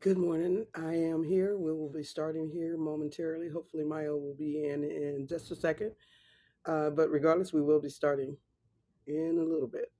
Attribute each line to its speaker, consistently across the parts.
Speaker 1: Good morning. I am here. We will be starting here momentarily. Hopefully, Maya will be in in just a second. Uh, but regardless, we will be starting in a little bit.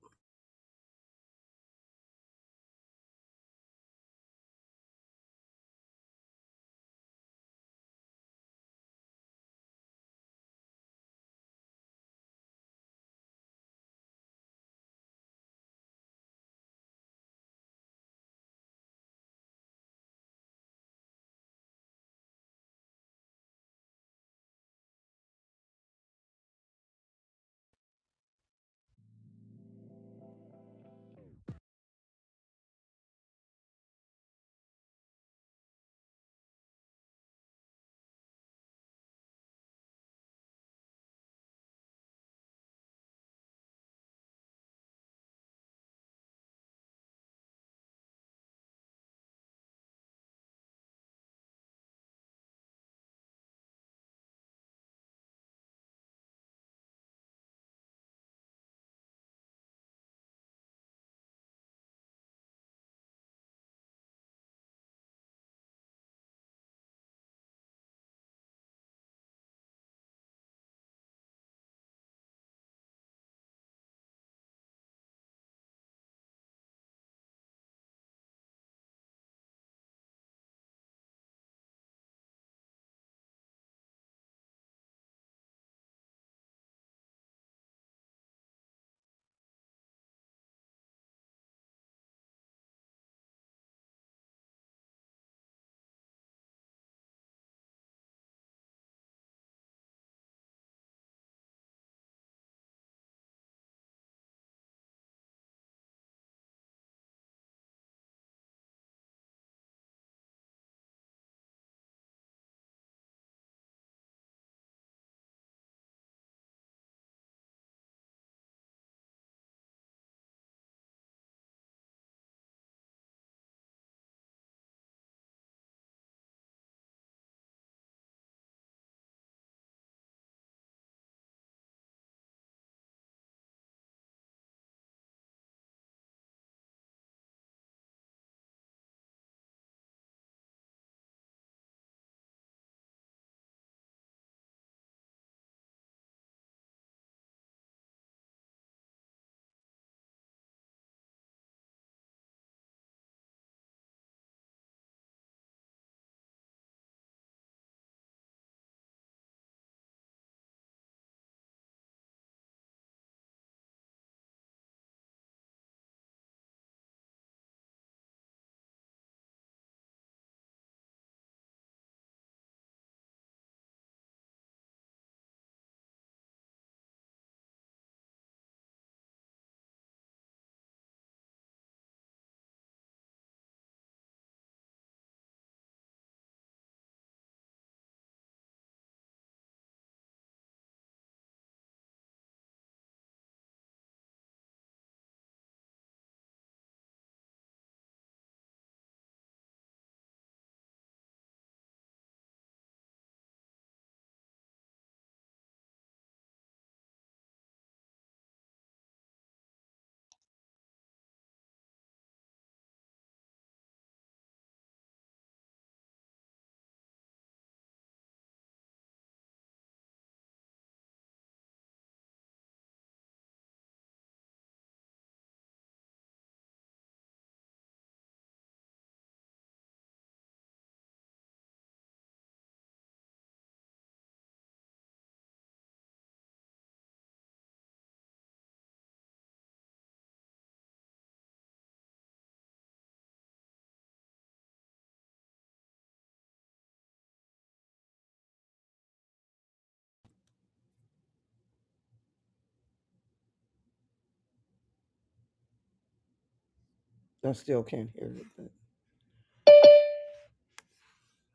Speaker 1: I still can't hear it, but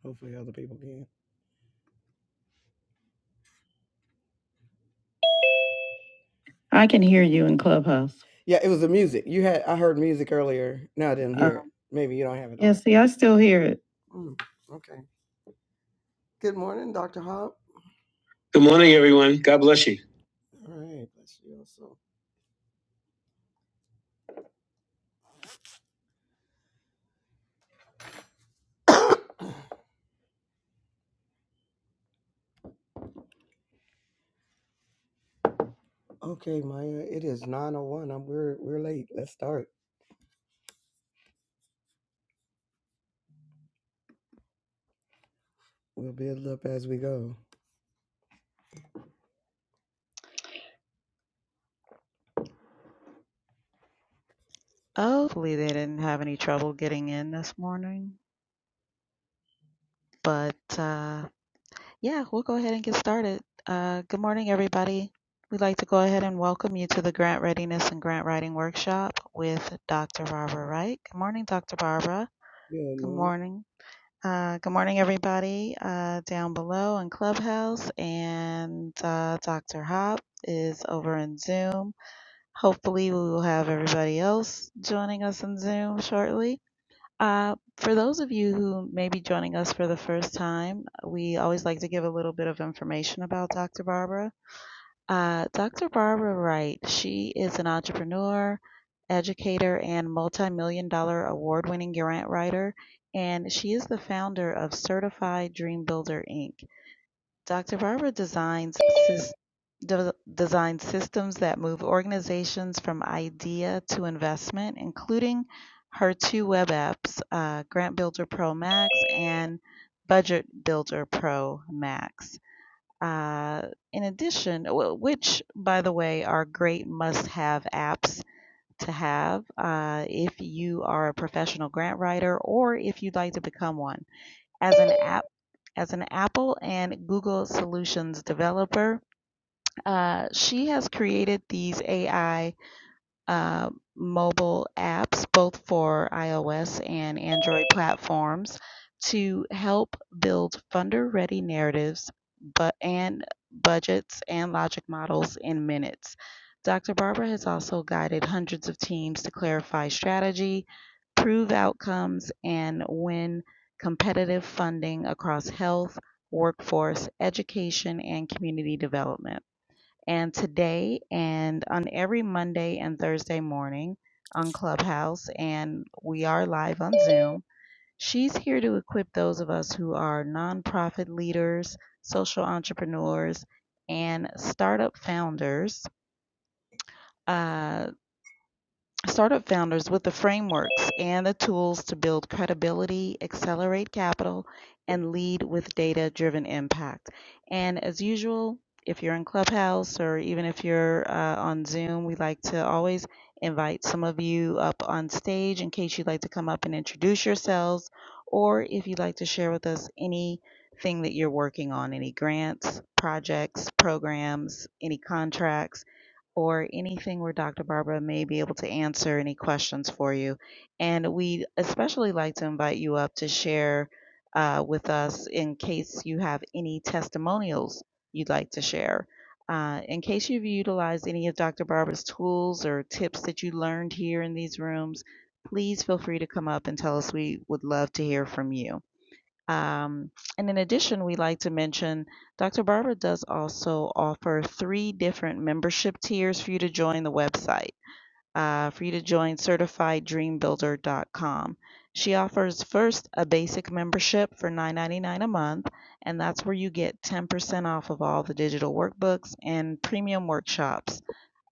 Speaker 1: hopefully, other people can. I can hear you in Clubhouse. Yeah, it was the music. You had I heard music earlier. No, I didn't Oh, hear it. Um, Maybe you don't have it yeah, on. see, I still hear it. Mm, okay. Good morning, Dr. Hop. Good morning, everyone. God bless you. All right. Bless you also. okay, Maya. It is 9:01. I'm we're we're late. Let's start. We'll build up as we go.
Speaker 2: Hopefully they didn't have any trouble getting in this morning. But uh, yeah, we'll go ahead and get started. Uh, good morning, everybody. We'd like to go ahead and welcome you to the Grant Readiness and Grant Writing Workshop with Dr. Barbara Wright. Good morning, Dr. Barbara.
Speaker 1: Good
Speaker 2: Good
Speaker 1: morning.
Speaker 2: morning. Uh, good morning, everybody uh, down below in Clubhouse. And uh, Dr. Hop is over in Zoom. Hopefully, we will have everybody else joining us in Zoom shortly. Uh, for those of you who may be joining us for the first time, we always like to give a little bit of information about Dr. Barbara. Uh, Dr. Barbara Wright, she is an entrepreneur, educator, and multi million dollar award winning grant writer, and she is the founder of Certified Dream Builder Inc. Doctor Barber designs sys- de- designed systems that move organizations from idea to investment, including her two web apps, uh, Grant Builder Pro Max and Budget Builder Pro Max. Uh, in addition, which, by the way, are great must have apps to have uh, if you are a professional grant writer or if you'd like to become one as an app as an Apple and Google Solutions developer. Uh, she has created these AI uh, mobile apps, both for iOS and Android platforms, to help build funder-ready narratives, but and budgets and logic models in minutes. Dr. Barber has also guided hundreds of teams to clarify strategy, prove outcomes, and win competitive funding across health, workforce, education, and community development and today and on every Monday and Thursday morning on Clubhouse, and we are live on Zoom. She's here to equip those of us who are nonprofit leaders, social entrepreneurs, and startup founders. uh, startup founders with the frameworks and the tools to build credibility, accelerate capital, and lead with data driven impact. And as usual, if you're in Clubhouse or even if you're uh, on Zoom, we like to always invite some of you up on stage in case you'd like to come up and introduce yourselves or if you'd like to share with us anything that you're working on, any grants, projects, programs, any contracts or anything where Dr. Barbara may be able to answer any questions for you. And we'd especially like to invite you up to share uh, with us in case you have any testimonials you'd like to share. Uh, in case you've utilized any of Dr. Barbara's tools or tips that you learned here in these rooms, please feel free to come up and tell us. We would love to hear from you. Um, and in addition, we like to mention Dr. Barbara does also offer three different membership tiers for you to join the website, uh, for you to join certifieddreambuilder.com. She offers first a basic membership for $9.99 a month, and that's where you get 10% off of all the digital workbooks and premium workshops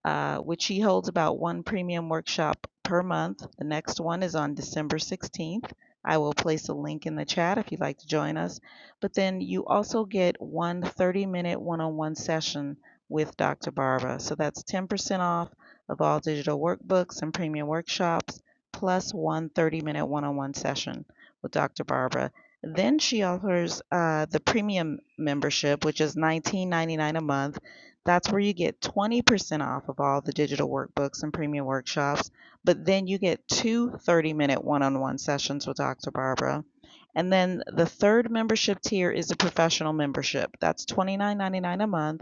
Speaker 2: uh, which he holds about one premium workshop per month. The next one is on December 16th. I will place a link in the chat if you'd like to join us. But then you also get 130 minute one on one session with Dr. Barba. So that's 10% off of all digital workbooks and premium workshops, plus 130 minute one on one session with Dr. Barbara. Then she offers uh, the premium membership, which is nineteen ninety-nine a month that's where you get 20% off of all the digital workbooks and premium workshops, but then you get two 30 minute one on one sessions with Dr. Barbara. And then the third membership tier is a professional membership. That's $29.99 a month,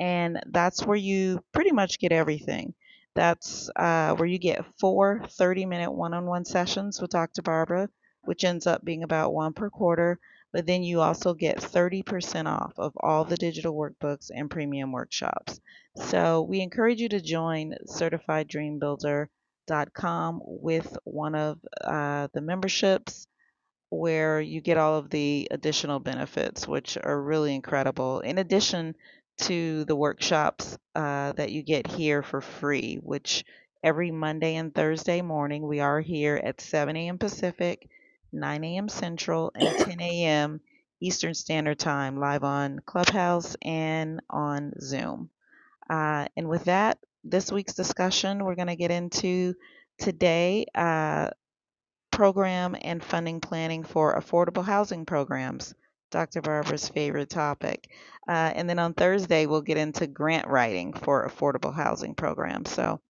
Speaker 2: and that's where you pretty much get everything. That's uh, where you get four 30 minute one on one sessions with Dr. Barbara, which ends up being about one per quarter but then you also get 30% off of all the digital workbooks and premium workshops. So we encourage you to join CertifiedDreamBuilder.com with one of uh, the memberships where you get all of the additional benefits, which are really incredible, in addition to the workshops uh, that you get here for free, which every Monday and Thursday morning we are here at 7 a.m. Pacific, 9 a.m. Central, and 10 a.m. Eastern Standard Time, live on Clubhouse and on Zoom. Uh, and with that, this week's discussion, we're going to get into today. Uh, program and funding planning for affordable housing programs. Dr. Barbara's favorite topic. Uh, and then on Thursday, we'll get into grant writing for affordable housing programs. So,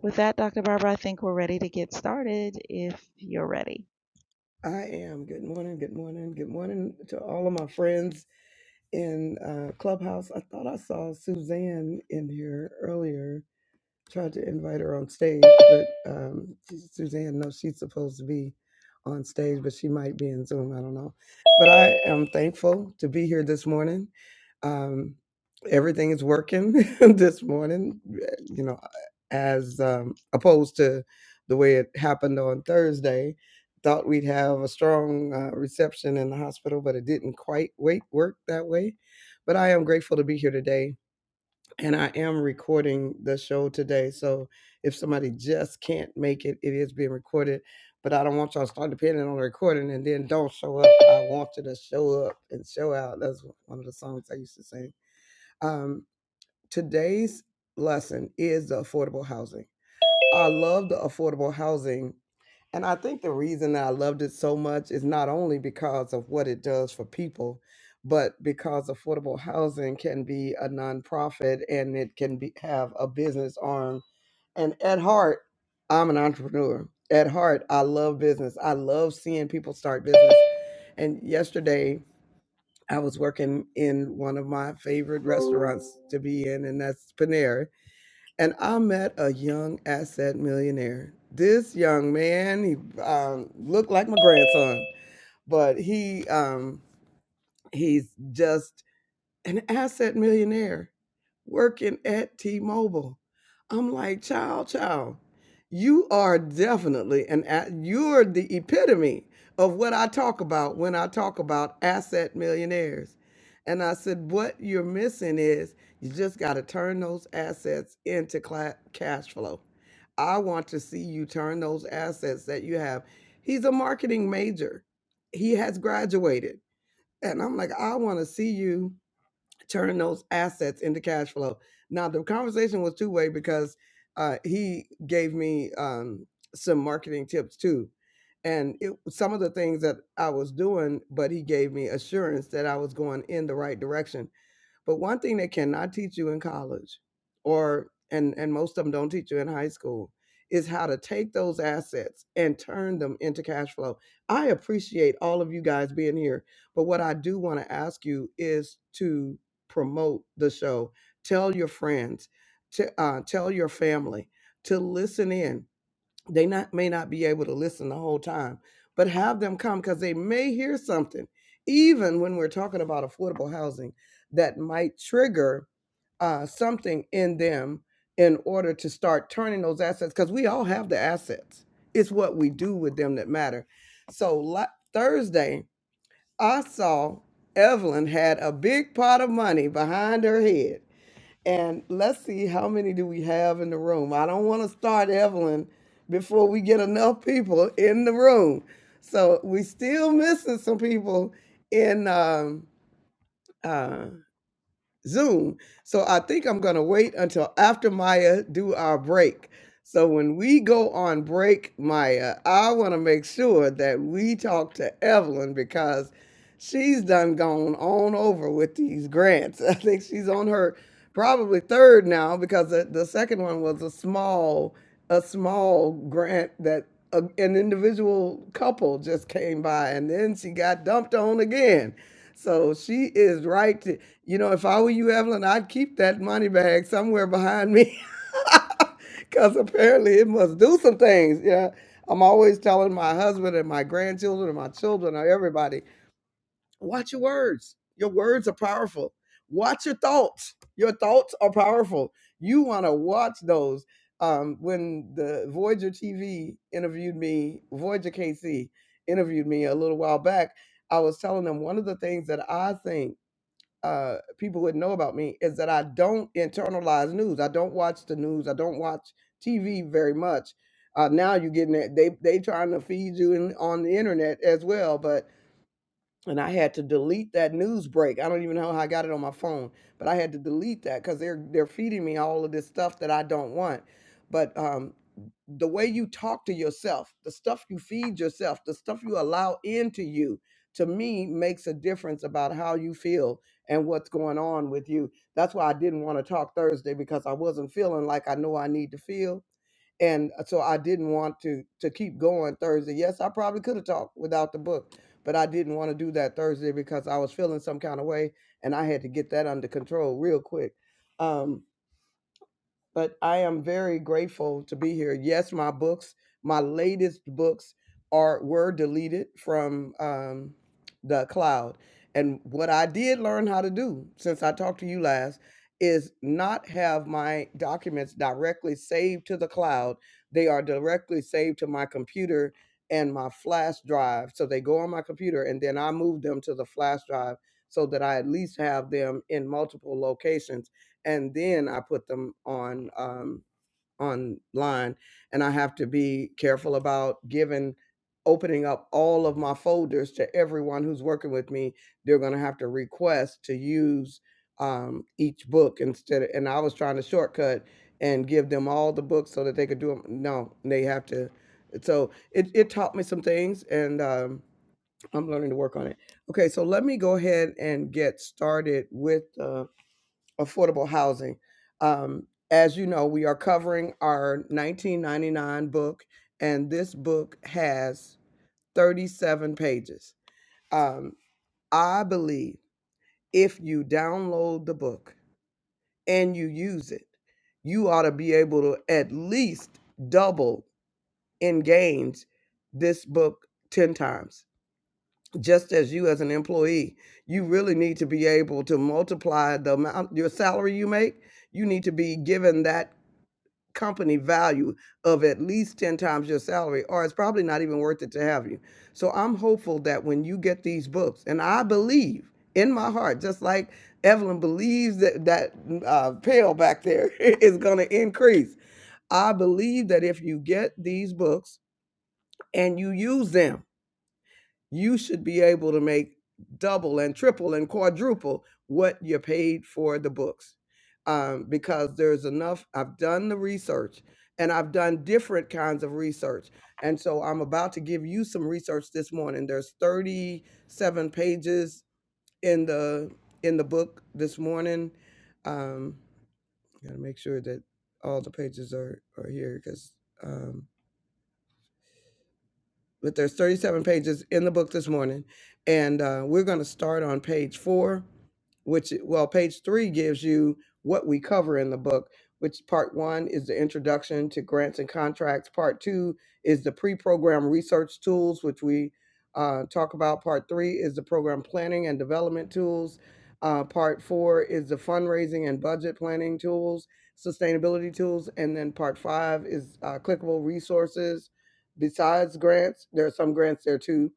Speaker 2: with that, Dr. Barbara, I think we're ready to get started if you're ready.
Speaker 1: I am. Good morning. Good morning. Good morning to all of my friends in uh, Clubhouse. I thought I saw Suzanne in here earlier. tried to invite her on stage, but um, Suzanne knows she's supposed to be on stage, but she might be in Zoom. I don't know. But I am thankful to be here this morning. Um, everything is working this morning, eh, you know, as um, opposed to the way it happened on Thursday. Thought we'd have a strong uh, reception in the hospital, but it didn't quite wait, work that way. But I am grateful to be here today and I am recording the show today. So if somebody just can't make it, it is being recorded. But I don't want y'all to start depending on the recording and then don't show up. I want you to show up and show out. That's one of the songs I used to sing. Um, today's lesson is the affordable housing. I love the affordable housing and I think the reason I loved it so much is not only because of what it does for people, but because affordable housing can be a nonprofit and it can be have a business arm. And at heart, I'm an entrepreneur. At heart, I love business. I love seeing people start business. And yesterday, I was working in one of my favorite restaurants to be in, and that's Panera and I met a young asset millionaire. This young man, he um, looked like my grandson, but he um, he's just an asset millionaire working at T-Mobile. I'm like, child, child, you are definitely an a- you're the epitome of what I talk about when I talk about asset millionaires. And I said, what you're missing is you just got to turn those assets into cla- cash flow. I want to see you turn those assets that you have. He's a marketing major. He has graduated. And I'm like, I want to see you turning those assets into cash flow. Now the conversation was two way because uh, he gave me um, some marketing tips too, and it, some of the things that I was doing, but he gave me assurance that I was going in the right direction but one thing they cannot teach you in college, or and and most of them don't teach you in high school, is how to take those assets and turn them into cash flow. I appreciate all of you guys being here, but what I do want to ask you is to promote the show. Tell your friends, to uh, tell your family to listen in they not may not be able to listen the whole time but have them come because they may hear something even when we're talking about affordable housing that might trigger uh, something in them in order to start turning those assets because we all have the assets it's what we do with them that matter so la- thursday i saw evelyn had a big pot of money behind her head and let's see how many do we have in the room. I don't want to start Evelyn before we get enough people in the room. So we still missing some people in um, uh, Zoom. So I think I'm going to wait until after Maya do our break. So when we go on break, Maya, I want to make sure that we talk to Evelyn because she's done gone on over with these grants. I think she's on her probably third now because the, the second one was a small a small grant that a, an individual couple just came by and then she got dumped on again. So she is right. You know, if I were you, Evelyn, I'd keep that money bag somewhere behind me. Because apparently it must do some things. Yeah. I'm always telling my husband and my grandchildren and my children and everybody watch your words. Your words are powerful. Watch your thoughts. Your thoughts are powerful. You want to watch those. Um, when the Voyager TV interviewed me, Voyager KC interviewed me a little while back, I was telling them one of the things that I think uh, people wouldn't know about me is that I don't internalize news. I don't watch the news. I don't watch TV very much. Uh, now you're getting that they they trying to feed you in, on the internet as well, but and I had to delete that news break. I don't even know how I got it on my phone, but I had to delete that because they're they're feeding me all of this stuff that I don't want. But um, the way you talk to yourself, the stuff you feed yourself, the stuff you allow into you, to me makes a difference about how you feel and what's going on with you. That's why I didn't want to talk Thursday because I wasn't feeling like I know I need to feel and uh, so I didn't want to to keep going Thursday. Yes, I probably could have talked without the book, but I didn't want to do that Thursday because I was feeling some kind of way, and I had to get that under control real quick. Um, but I am very grateful to be here. Yes, my books, my latest books are were deleted from um, the cloud. And what I did learn how to do since I talked to you last is not have my documents directly saved to the cloud. They are directly saved to my computer and my flash drive. So they go on my computer and then I move them to the flash drive so that I at least have them in multiple locations and then I put them on um, online. And I have to be careful about giving opening up all of my folders to everyone who's working with me. They're going to have to request to use um, each book instead. Of, and I was trying to shortcut and give them all the books so that they could do them. No, they have to. So it, it taught me some things, and um, I'm learning to work on it. Okay, so let me go ahead and get started with. uh, affordable housing. Um, as you know, we are covering our 1999 book, and this book has 37 pages. Um, I believe if you download the book and you use it, you ought to be able to at least double in gains this book 10 times. Just as you, as an employee, you really need to be able to multiply the amount, your salary you make you need to be given that company value of at least 10 times your salary or it's probably not even worth it to have you so i'm hopeful that when you get these books and i believe in my heart just like evelyn believes that that mm, uh, pill back there is going to increase i believe that if you get these books and you use them you should be able to make double and triple and quadruple what you paid for the books um, because there's enough i've done the research and i've done different kinds of research and so i'm about to give you some research this morning there's 37 pages in the in the book this morning um gotta make sure that all the pages are are here because um, but there's 37 pages in the book this morning and uh, we're going to start on page four which well page three gives you what we cover in the book which part one is the introduction to grants and contracts part two is the pre-program research tools which we uh, talk about part three is the program planning and development tools uh, part four is the fundraising and budget planning tools sustainability tools and then part five is uh, clickable resources besides grants. There are some grants there too.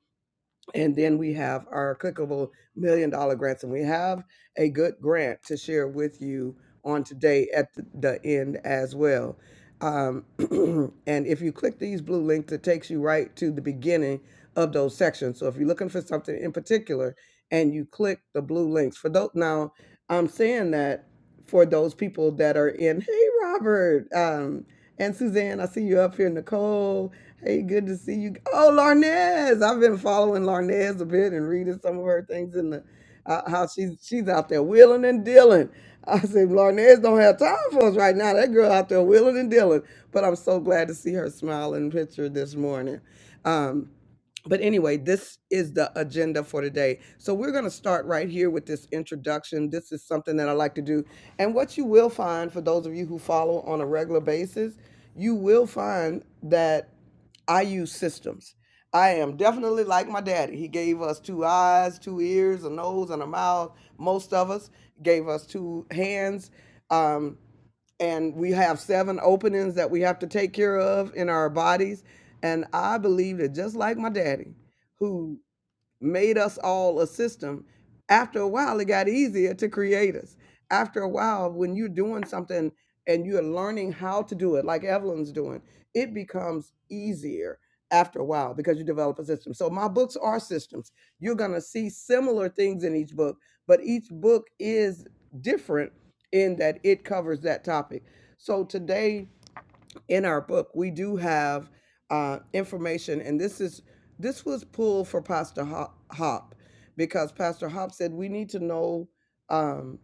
Speaker 1: And then we have our clickable million dollar grants. And we have a good grant to share with you on today at the the end as well. Um, and if you click these blue links, it takes you right to the beginning of those sections. So if you're looking for something in particular and you click the blue links for those, now I'm saying that for those people that are in, hey, Robert, um, and Suzanne, I see you up here, Nicole, Hey, good to see you. Oh, Larnez. I've been following Larnez a bit and reading some of her things in the uh, how she's she's out there wheeling and dealing. I said Larnez don't have time for us right now. That girl out there wheeling and dealing. But I'm so glad to see her smiling picture this morning. Um, but anyway, this is the agenda for today. So we're going to start right here with this introduction. This is something that I like to do. And what you will find for those of you who follow on a regular basis, you will find that I use systems. I am definitely like my daddy. He gave us two eyes, two ears, a nose, and a mouth. Most of us gave us two hands. Um, and we have seven openings that we have to take care of in our bodies. And I believe that just like my daddy, who made us all a system. After a while, it got easier to create us. After a while, when you're doing something and you're learning how to do it, like Evelyn's doing, it becomes easier after a while because you develop a system. So, my books are systems. You're going to see similar things in each book, but each book is different in that it covers that topic. So, today, in our book we do have uh, information and this is this was pulled for pastor hop, hop because pastor hop said we need to know um,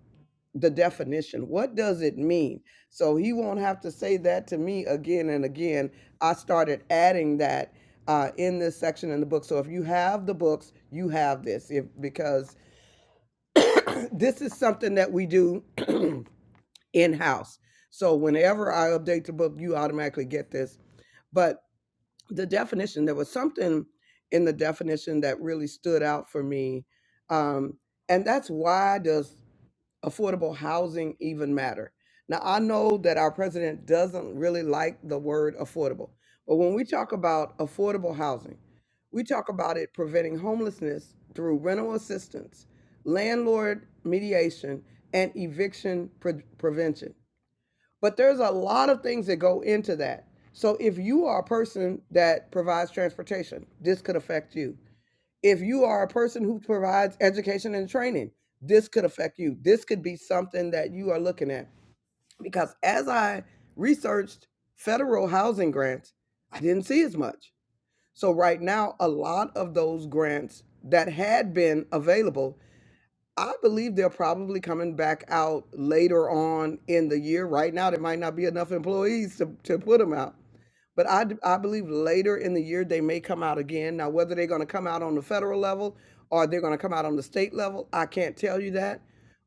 Speaker 1: the definition what does it mean so he won't have to say that to me again and again i started adding that uh, in this section in the book so if you have the books you have this if, because this is something that we do in house so whenever i update the book you automatically get this but the definition there was something in the definition that really stood out for me um, and that's why does affordable housing even matter now i know that our president doesn't really like the word affordable but when we talk about affordable housing we talk about it preventing homelessness through rental assistance landlord mediation and eviction pre- prevention but there's a lot of things that go into that. So if you are a person that provides transportation, this could affect you. If you are a person who provides education and training, this could affect you. This could be something that you are looking at. Because as I researched federal housing grants, I didn't see as much. So right now, a lot of those grants that had been available I believe they're probably coming back out later on in the year. Right now, there might not be enough employees to, to put them out. But I, d- I believe later in the year, they may come out again. Now, whether they're going to come out on the federal level or they're going to come out on the state level, I can't tell you that.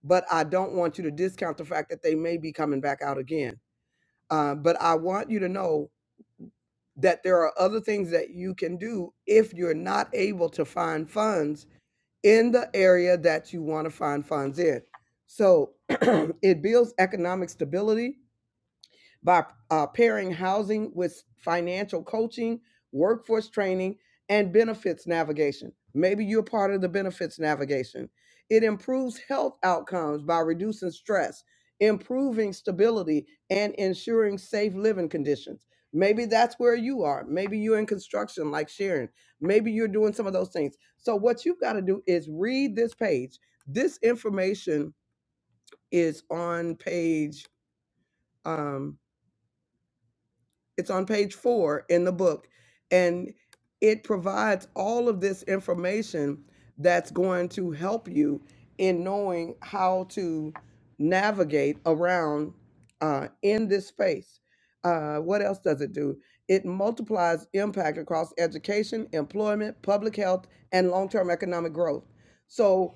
Speaker 1: But I don't want you to discount the fact that they may be coming back out again. Uh, but I want you to know that there are other things that you can do if you're not able to find funds in the area that you want to find funds in. So it builds economic stability by uh, pairing housing with financial coaching, workforce training, and benefits navigation. Maybe you're part of the benefits navigation. It improves health outcomes by reducing stress, improving stability, and ensuring safe living conditions. Maybe that's where you are. Maybe you're in construction, like Sharon. Maybe you're doing some of those things. So, what you've got to do is read this page. This information is on page. Um, It's on page four in the book. And it provides all of this information that's going to help you in knowing how to navigate around uh, in this space. Uh, what else does it do? It multiplies impact across education, employment, public health, and long term economic growth. So,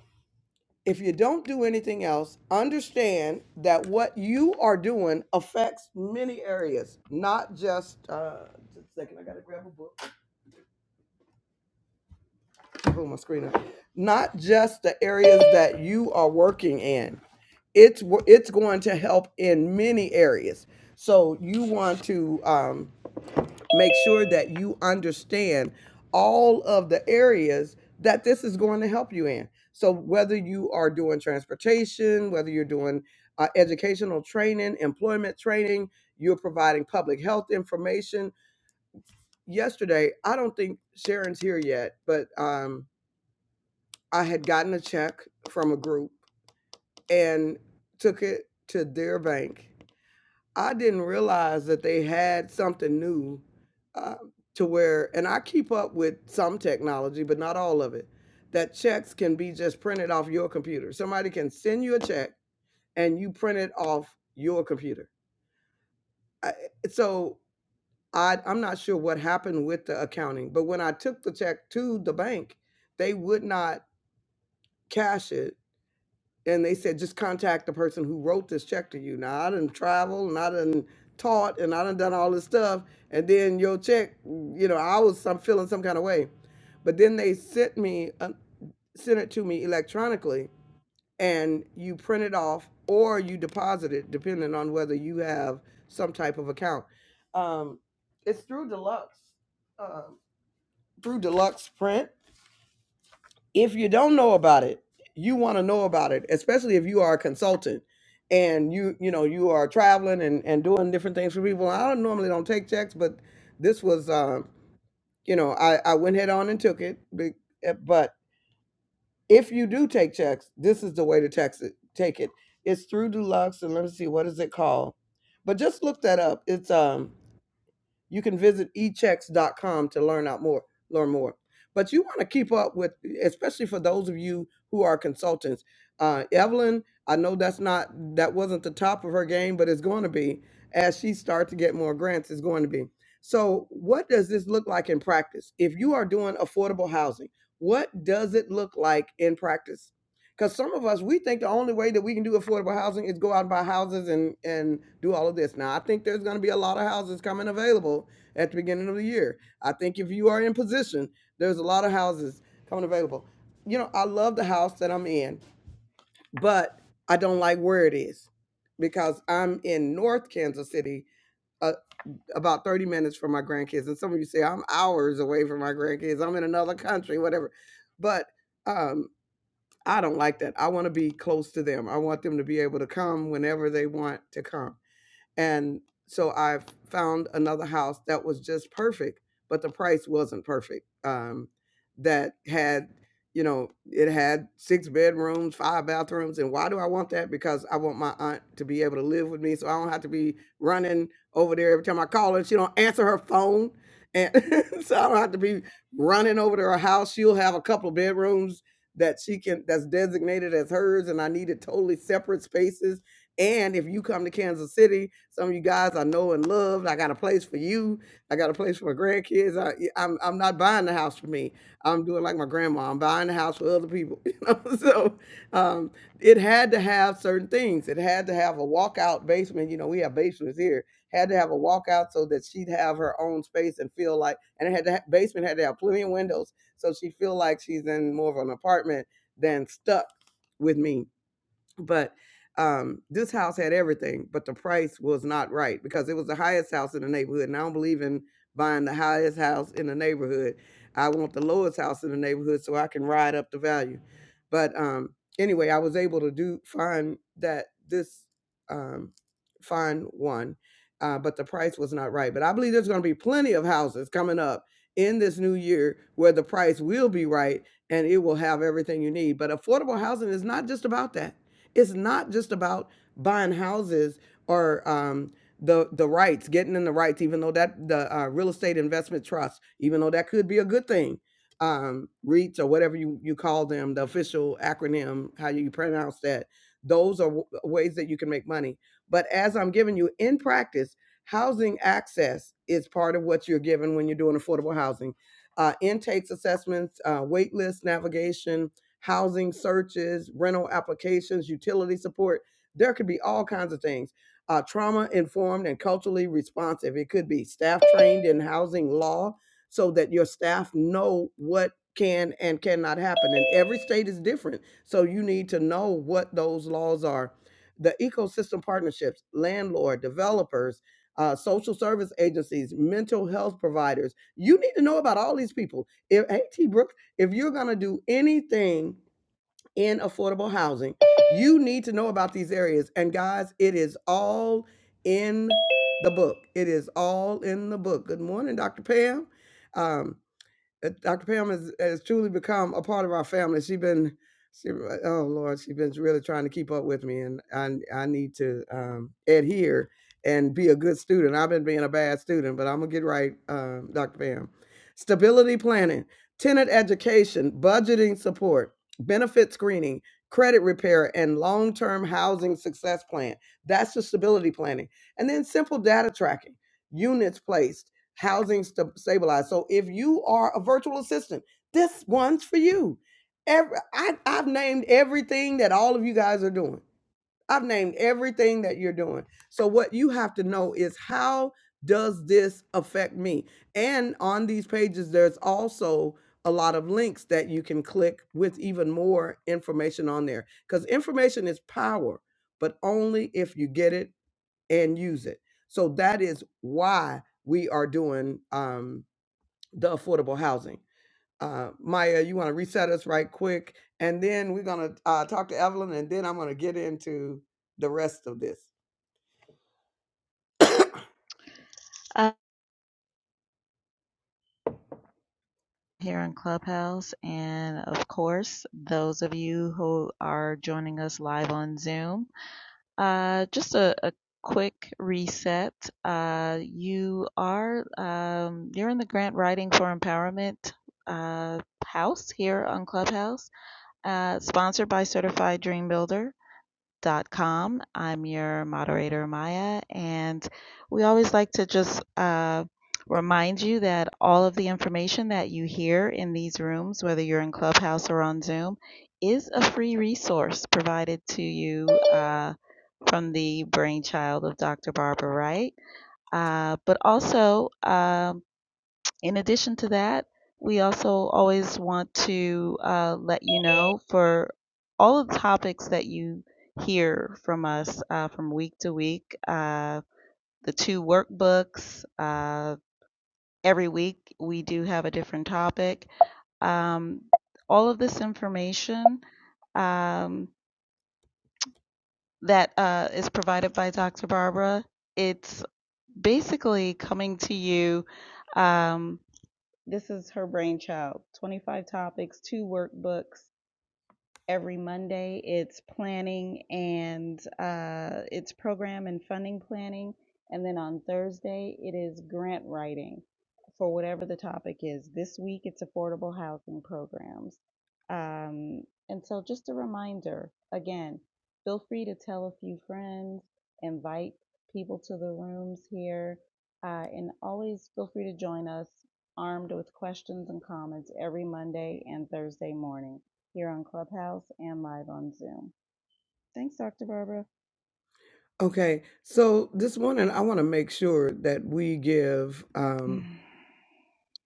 Speaker 1: if you don't do anything else, understand that what you are doing affects many areas, not just. Uh, just a second, I gotta grab a book. Pull my screen up. Not just the areas that you are working in. It's wo- it's going to help in many areas. So you want to. um, make sure that you understand all of the areas that this is going to help you in. So, whether you are doing transportation, whether you're doing uh, educational training, employment training, you're providing public health information. Yesterday, I don't think Sharon's here yet, but um, I had gotten a check from a group and took it to their bank I didn't realize that they had something new, uh, to where and I keep up with some technology, but not all of it, that checks can be just printed off your computer. Somebody can send you a check and you print it off your computer. I, so I, I'm not sure what happened with the accounting, but when I took the check to the bank, they would not cash it and they said just contact the person who wrote this check to you. Now I done traveled and I done taught and I done done all this stuff, and then your check, you know, I was some feeling some kind of way, but then they sent me uh, sent it to me electronically, and you print it off or you deposit it, depending on whether you have some type of account. Um, it's through Deluxe, uh, through Deluxe Print if you don't know about it you want to know about it especially if you are a consultant and you you know you are traveling and and doing different things for people i don't normally don't take checks but this was um you know i i went head on and took it be- eh, but if you do take checks this is the way to text it take it it's through deluxe and let me see what is it called but just look that up it's um you can visit e checks dot com to learn out more, learn more. But you want to keep up with, especially for those of you who are consultants. Uh, Evelyn, I know that's not that wasn't the top of her game, but it's going to be as she starts to get more grants. It's going to be. So, what does this look like in practice? If you are doing affordable housing, what does it look like in practice? Because some of us, we think the only way that we can do affordable housing is go out and buy houses and, and do all of this. Now, I think there's going to be a lot of houses coming available at the beginning of the year. I think if you are in position, there's a lot of houses coming available. You know, I love the house that I'm in, but I don't like where it is because I'm in North Kansas City, uh, about 30 minutes from my grandkids. And some of you say, I'm hours away from my grandkids. I'm in another country, whatever. But um. I don't like that. I want to be close to them. I want them to be able to come whenever they want to come. And so I found another house that was just perfect, but the price wasn't perfect. Um, that had, you know, it had six bedrooms, five bathrooms. And why do I want that? Because I want my aunt to be able to live with me so I don't have to be running over there every time I call her. She don't answer her phone. And so I don't have to be running over to her house. She'll have a couple of bedrooms that she can that's designated as hers and I needed totally separate spaces and if you come to Kansas City, some of you guys I know and love. I got a place for you. I got a place for my grandkids i am I, y- I'm I'm not buying the house for me. I'm doing like my grandma. I'm buying the house for other people. You know, so um, it had to have certain things. It had to have a walkout basement. You know, we have basements here. Had to have a walkout so that she'd have her own space and feel like. And it had to ha- basement had to have plenty of windows so she feel like she's in more of an apartment than stuck with me but um this house had everything but the price was not right because it was the highest house in the neighborhood and i don't believe in buying the highest house in the neighborhood i want the lowest house in the neighborhood so i can ride up the value but um anyway i was able to do find that this um find one uh, but the price was not right but i believe there's going to be plenty of houses coming up in this new year where the price will be right and it will have everything you need but affordable housing is not just about that it's not just about buying houses or um, the the rights, getting in the rights, even though that the uh, real estate investment trust, even though that could be a good thing, um, REITs or whatever you you call them, the official acronym, how you pronounce that. Those are w- ways that you can make money. But as I'm giving you in practice, housing access is part of what you're given when you're doing affordable housing. Uh, intakes assessments, uh, wait list navigation, housing searches, rental applications, utility support. There could be all kinds of things. Uh, trauma informed and culturally responsive. It could be staff trained in housing law so that your staff know what can and cannot happen. And every state is different. So you need to know what those laws are. The ecosystem partnerships, landlord, developers, uh, social service agencies, mental health providers. You need to know about all these people. If, hey, T. Brooks, if you're going to do anything in affordable housing, you need to know about these areas. And guys, it is all in the book. It is all in the book. Good morning, Dr. Pam. Um, uh, Dr. Pam has, has truly become a part of our family. She's been, she, uh, oh Lord, she's been really trying to keep up with me, and I I need to um, adhere and be a good student. I've been being a bad student, but I'm gonna get right, um, Dr. Pam. Stability planning, tenant education, budgeting support, benefit screening, credit repair, and long-term housing success plan. That's the stability planning, and then simple data tracking, units placed housing sta- stabilized. So if you are a virtual assistant, this one's for you. Every, I, I've named everything that all of you guys are doing. I've named everything that you're doing. So what you have to know is how does this affect me? And on these pages, there's also a lot of links that you can click with even more information on there because information is power, but only if you get it and use it. So that is why we are doing um, the affordable housing. Uh, Maya, you want to reset us right quick, and then we're gonna uh, talk to Evelyn, and then I'm gonna get into the rest of this.
Speaker 2: here in Clubhouse, and of course, those of you who are joining us live on Zoom. Uh, just a, a quick reset. Uh, you are um, you're in the Grant Writing for Empowerment uh, house here on Clubhouse, uh, sponsored by Certified Dream Builder dot com. I'm your moderator, Maya, and we always like to just uh, remind you that all of the information that you hear in these rooms, whether you're in Clubhouse or on Zoom, is a free resource provided to you uh, from the brainchild of Dr. Barbara Wright. Uh, but also, um, in addition to that, we also always want to uh, let you know for all of the topics that you hear from us uh, from week to week, uh, the two workbooks, uh, every week we do have a different topic. Um, all of this information um, that uh, is provided by Dr. Barbara, it's basically coming to you um, This is her brainchild 25 topics, two workbooks, every Monday. It's planning and uh, it's program and funding planning. And then on Thursday, it is grant writing for whatever the topic is. This week, it's affordable housing programs. Um, and so, just a reminder again, feel free to tell a few friends, invite people to the rooms here, uh, and always feel free to join us armed with questions and comments every Monday and Thursday morning here on Clubhouse and live on Zoom. Thanks, Dr. Barbara.
Speaker 1: Okay, so this morning I want to make sure that we give um,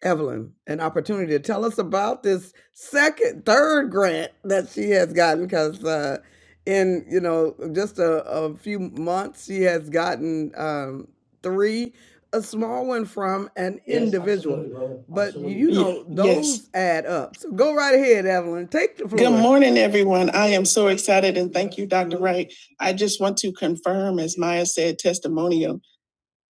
Speaker 1: Evelyn an opportunity to tell us about this second, third grant that she has gotten because uh, in you know just a, a few months she has gotten um, three, a small one from an Absolutely. know yes. those add up. So go right ahead, Evelyn. Take the Good floor. morning, everyone. I am so excited and thank you, Dr. Wright. I just want to confirm, as Maya said, testimonial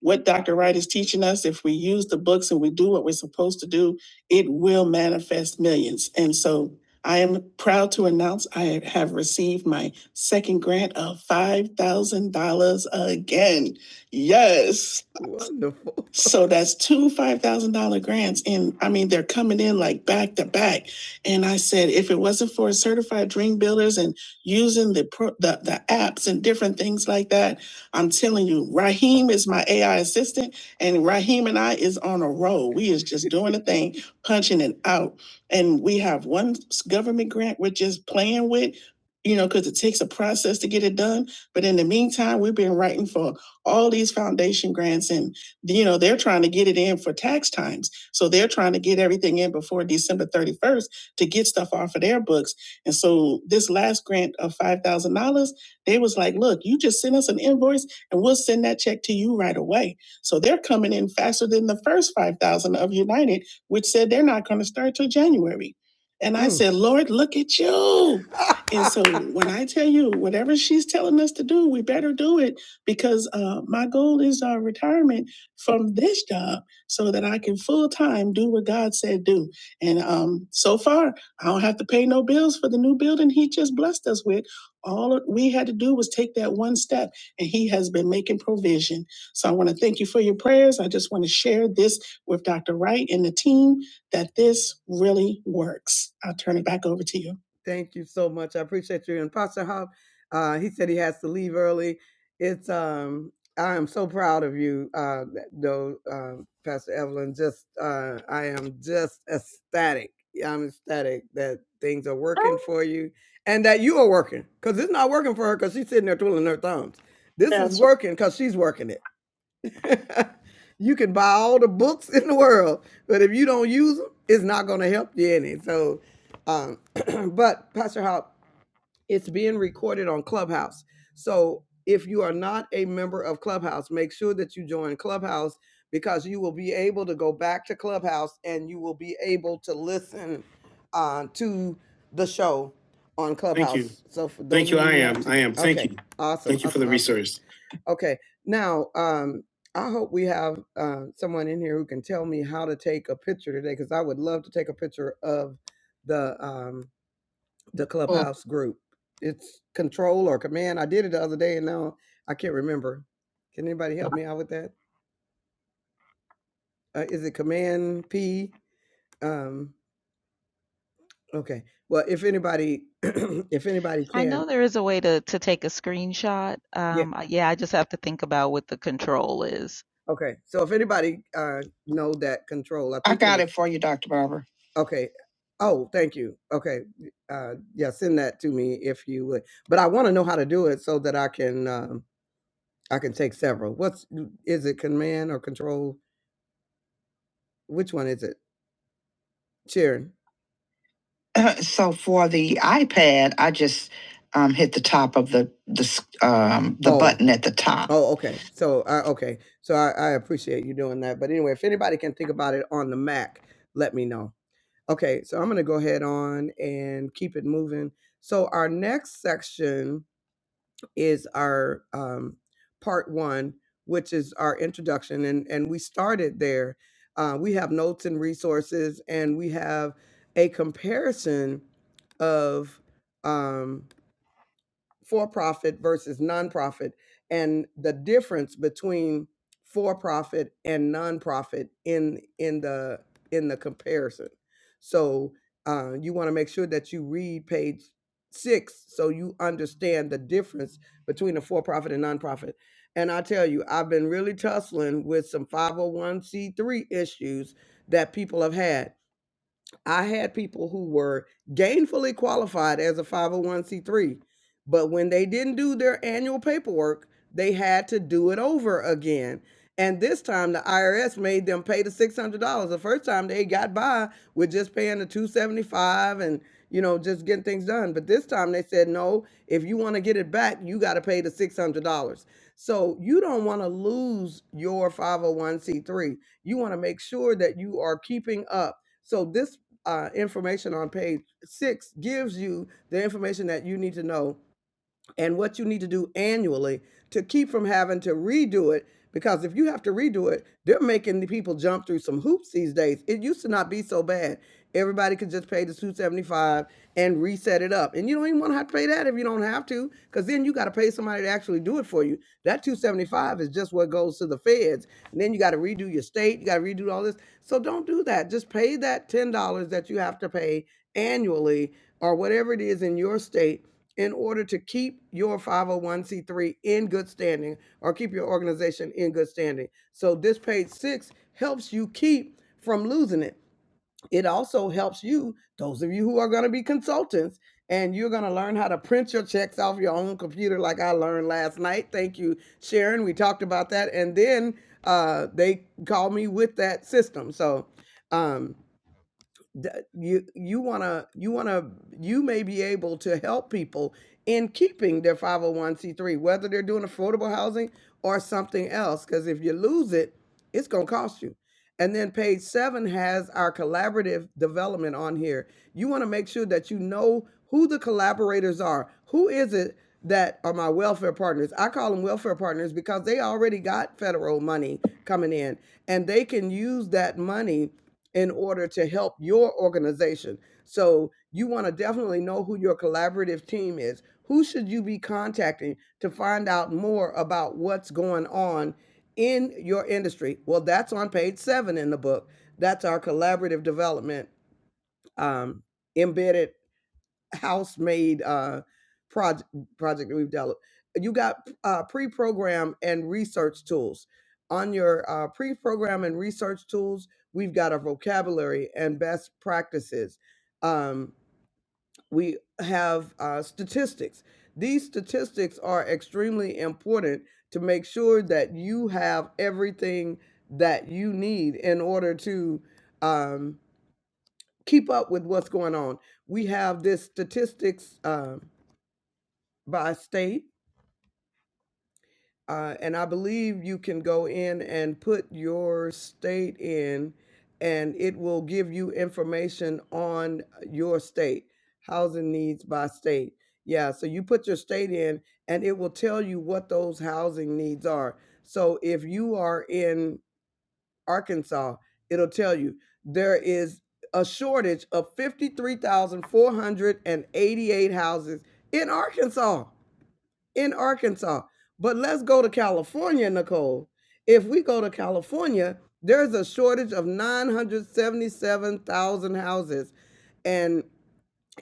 Speaker 1: what Dr. Wright is teaching us, if we use the books and we do what we're supposed to do, it will manifest millions. And so I am proud to announce I have received my second grant of $5,000 again. Yes. Wonderful. So that's two $5,000 grants. And I mean, they're coming in like back to back. And I said, if it wasn't for certified dream builders and using the, pro- the, the apps and different things like that, I'm telling you, Raheem is my AI assistant, and Raheem and I is on a roll. We is just doing a thing, punching it out. And we have one s- government grant we're just playing with, you know, because it takes a process to get it done. But in the meantime, we've been writing for all these foundation grants, and you know, they're trying to get it in for tax times. So they're trying to get everything in before December 31st to get stuff off of their books. And so this last grant of $5,000 they was like, look, you just send us an invoice and we'll send that check to you right away. So they're coming in faster than the first 5,000 of United, which said they're not going to start till January. And I Mm. said, Lord, look at you. And so when I tell you whatever she's telling us to do, we better do it because uh, my goal is uh, retirement from this job so that I can full time do what God said do. And um, so far, I don't have to pay no bills for the new building He just blessed us with all it- we had to do was take that one step and he has been making provision so i want to thank you for your prayers i just want to share this with dr wright and the team that this really works i'll turn it back over to you Thank you so much. I appreciate you. And Pastor Hub, uh, he said he has to leave early. It's um, I am so proud of you, uh, though, uh, Pastor Evelyn. Just uh, I am just ecstatic. I'm ecstatic that things are working for you and that you are working because it's not working for her because she's sitting there twiddling her thumbs. This That's is working because she's working it. you can buy all the books in the world, but if you don't use them, it's not going to help you any. So, um, but Pastor Hop, it's being recorded on Clubhouse. So if you are not a member of Clubhouse, make sure that you join Clubhouse because you will be able to go back to Clubhouse and you will be able to listen uh, to the show on Clubhouse. So for Awesome. Thank you for awesome, the resource. awesome. Okay. Now, um, I hope we have uh, someone in here who can tell me how to take a picture today because I would love to take a picture of the um, the clubhouse oh. group. It's control or command. I did it the other day and now I can't remember. Can anybody help me out with that? Uh, is it command P? Um, okay. Well, if anybody, if anybody
Speaker 2: I
Speaker 1: can,
Speaker 2: know there is a way to to take a screenshot.
Speaker 1: yeah.
Speaker 2: Um, yeah, I just have to think about what the control is.
Speaker 1: Okay, so if anybody uh know that control, I I think it got was it for you, Dr. Barber. okay. Oh, thank you. Okay, uh, yeah, send that to me if you would. But I want to know how to do it so that I can um, I can take several. What's is it command or control? Which one is it? Sharon. so for the iPad, I just um, hit the top of the the s- um, the Oh, button at the top. Oh, okay. So, uh, okay. So I, I appreciate you doing that. But anyway, if anybody can think about it on the Mac, let me know. Okay. So I'm going to go ahead on and keep it moving. So our next section is our um, part one, which is our introduction, and and we started there. Uh, we have notes and resources, and we have a comparison of. Um, for profit versus nonprofit and the difference between for profit and nonprofit in in the in the comparison. So uh, you want to make sure that you read page six so you understand the difference between a for profit and nonprofit. And I tell you, I've been really tussling with some 501c3 issues that people have had I had people who were gainfully qualified as a 501c3, but when they didn't do their annual paperwork, they had to do it over again. And this time the IRS made them pay the $600. The first time they got by with just paying the 275 and you know just getting things done, but this time they said no, if you want to get it back, you got to pay the $600. So you don't want to lose your 501c3. You want to make sure that you are keeping up so this uh, information on page six gives you the information that you need to know and what you need to do annually to keep from having to redo it. Because if you have to redo it, they're making the people jump through some hoops these days. It used to not be so bad. Everybody could just pay the 275 and reset it up. And you don't even want to have to pay that if you don't have to, because then you got to pay somebody to actually do it for you. That 275 is just what goes to the feds. And then you got to redo your state, you got to redo all this. So don't do that. Just pay that $10 that you have to pay annually or whatever it is in your state in order to keep your 501c3 in good standing or keep your organization in good standing. So, this page six helps you keep from losing it. It also helps you, those of you who are going to be consultants, and you're going to learn how to print your checks off your own computer, like I learned last night. Thank you, Sharon. We talked about that. And then uh, they called me with that system. So, um, that you you want to you want to you may be able to help people in keeping their 501c3 whether they're doing affordable housing or something else because if you lose it it's going to cost you and then page seven has our collaborative development on here you want to make sure that you know who the collaborators are who is it that are my welfare partners i call them welfare partners because they already got federal money coming in and they can use that money in order to help your organization. So you want to definitely know who your collaborative team is. Who should you be contacting to find out more about what's going on in your industry? Well, that's on page seven in the book. That's our collaborative development um, embedded house-made uh, project project that we've developed. You got uh, pre-program and research tools. On your uh, pre-program and research tools, we've got our vocabulary and best practices. Um, we have uh, statistics. These statistics are extremely important to make sure that you have everything that you need in order to um, keep up with what's going on. We have this statistics. Um, by state. Uh, and I believe you can go in and put your state in, and it will give you information on your state, housing needs by state. Yeah, so you put your state in, and it will tell you what those housing needs are. So if you are in Arkansas, it'll tell you there is a shortage of 53,488 houses in Arkansas. in Arkansas. But let's go to California, Nicole. If we go to California, there's a shortage of 977,000 houses. And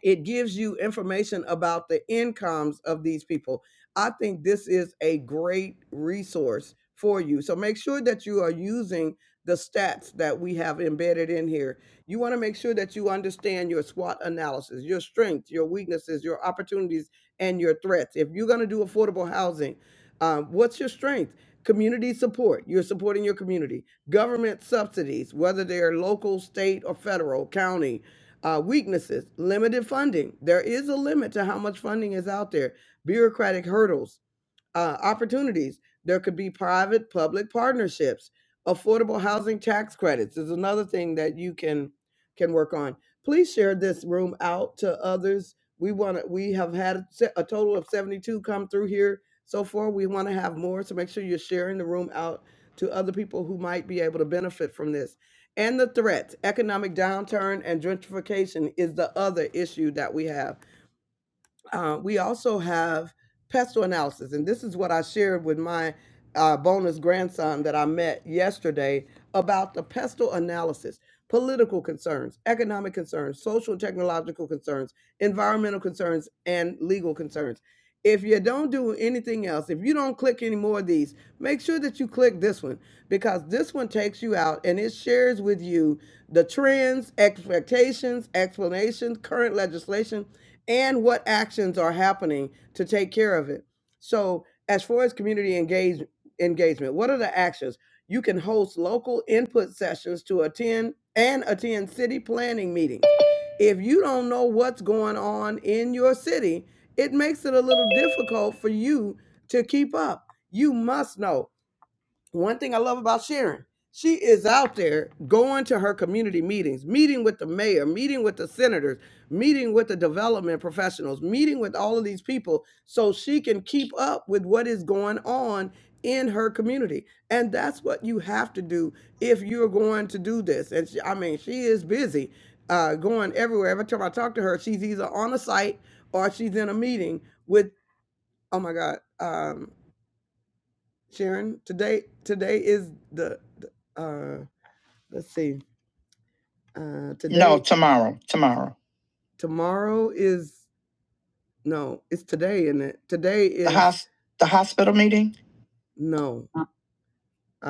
Speaker 1: it gives you information about the incomes of these people. I think this is a great resource for you. So make sure that you are using the stats that we have embedded in here. You want to make sure that you understand your SWOT analysis, your strengths, your weaknesses, your opportunities, and your threats. If you're going to do affordable housing, um, what's your strength? Community support, you're supporting your community. Government subsidies, whether they're local, state, or federal, county uh, weaknesses, limited funding. There is a limit to how much funding is out there. Bureaucratic hurdles uh, opportunities. There could be private public partnerships. Affordable housing tax credits is another thing that you can can work on. Please share this room out to others. We want to. We have had se- a total of seventy two come through here so far. We want to have more, so make sure you're sharing the room out to other people who might be able to benefit from this. And the threats, economic downturn and gentrification is the other issue that we have uh, we also have pestle analysis, and this is what I shared with my uh, bonus grandson that I met yesterday about the pestle analysis. Political concerns, economic concerns, social and technological concerns, environmental concerns, and legal concerns. If you don't do anything else, if you don't click any more of these, make sure that you click this one because this one takes you out and it shares with you the trends, expectations, explanations, current legislation, and what actions are happening to take care of it. So, as far as community engage, engagement, what are the actions? You can host local input sessions to attend and attend city planning meetings. If you don't know what's going on in your city, it makes it a little difficult for you to keep up. You must know one thing I love about Sharon, she is out there going to her community meetings, meeting with the mayor, meeting with the senators, meeting with the development professionals, meeting with all of these people so she can keep up with what is going on in her community. And that's what you have to do if you're going to do this. And she, I mean, she is busy uh, going everywhere. Every time I talk to her, she's either on a site or she's in a meeting with, oh my God. Um, Sharon, today today is the, the uh let's see. Uh today, No, tomorrow, tomorrow. tomorrow is no, it's today, isn't it? Today The is the hos, the hospital meeting? no. Uh,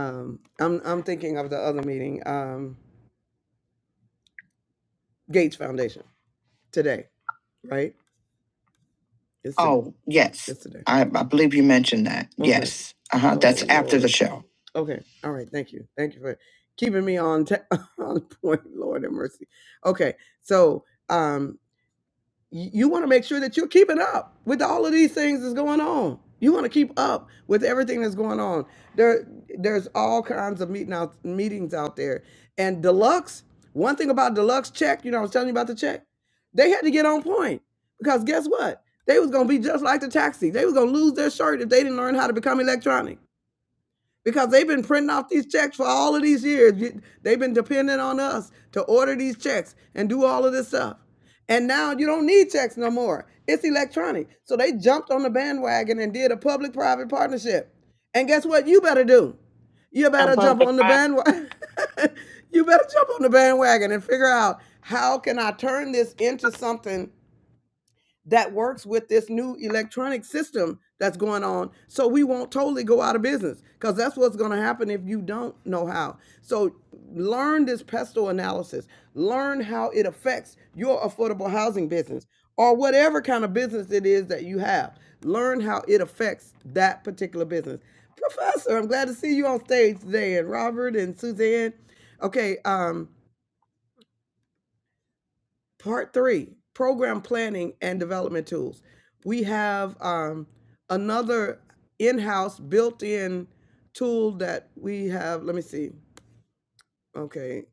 Speaker 1: Um I'm I'm thinking of the other meeting, um Gates Foundation today, right? Yesterday. Oh, yes. Yesterday. I, I believe you mentioned that. Okay. Yes. Uh huh. Okay. That's All after right. the show. Okay. All right. Thank you. Thank you for keeping me on ta- on point. Lord have mercy. Okay. So, um, you want to make sure that you're keeping up with all of these things that's going on. You want to keep up with everything that's going on. There, there's all kinds of meeting out, meetings out there. And deluxe, one thing about deluxe check, you know, I was telling you about the check. They had to get on point because guess what? They was gonna be just like the taxi. They was gonna lose their shirt if they didn't learn how to become electronic because they've been printing off these checks for all of these years. They've been depending on us to order these checks and do all of this stuff. And now you don't need checks no more. It's electronic. So they jumped on the bandwagon and did a public private partnership. And guess what? You better do. You better jump on the bandwagon. you better jump on the bandwagon and figure out how can I turn this into something that works with this new electronic system that's going on. So we won't totally go out of business because that's what's going to happen if you don't know how. So learn this pesto analysis, learn how it affects your affordable housing business or whatever kind of business it is that you have. Learn how it affects that particular business. Professor, I'm glad to see you on stage today, and Robert and Suzanne. Okay, um, Part three, program planning and development tools. We have um, another in-house built-in tool that we have. Let me see. Okay.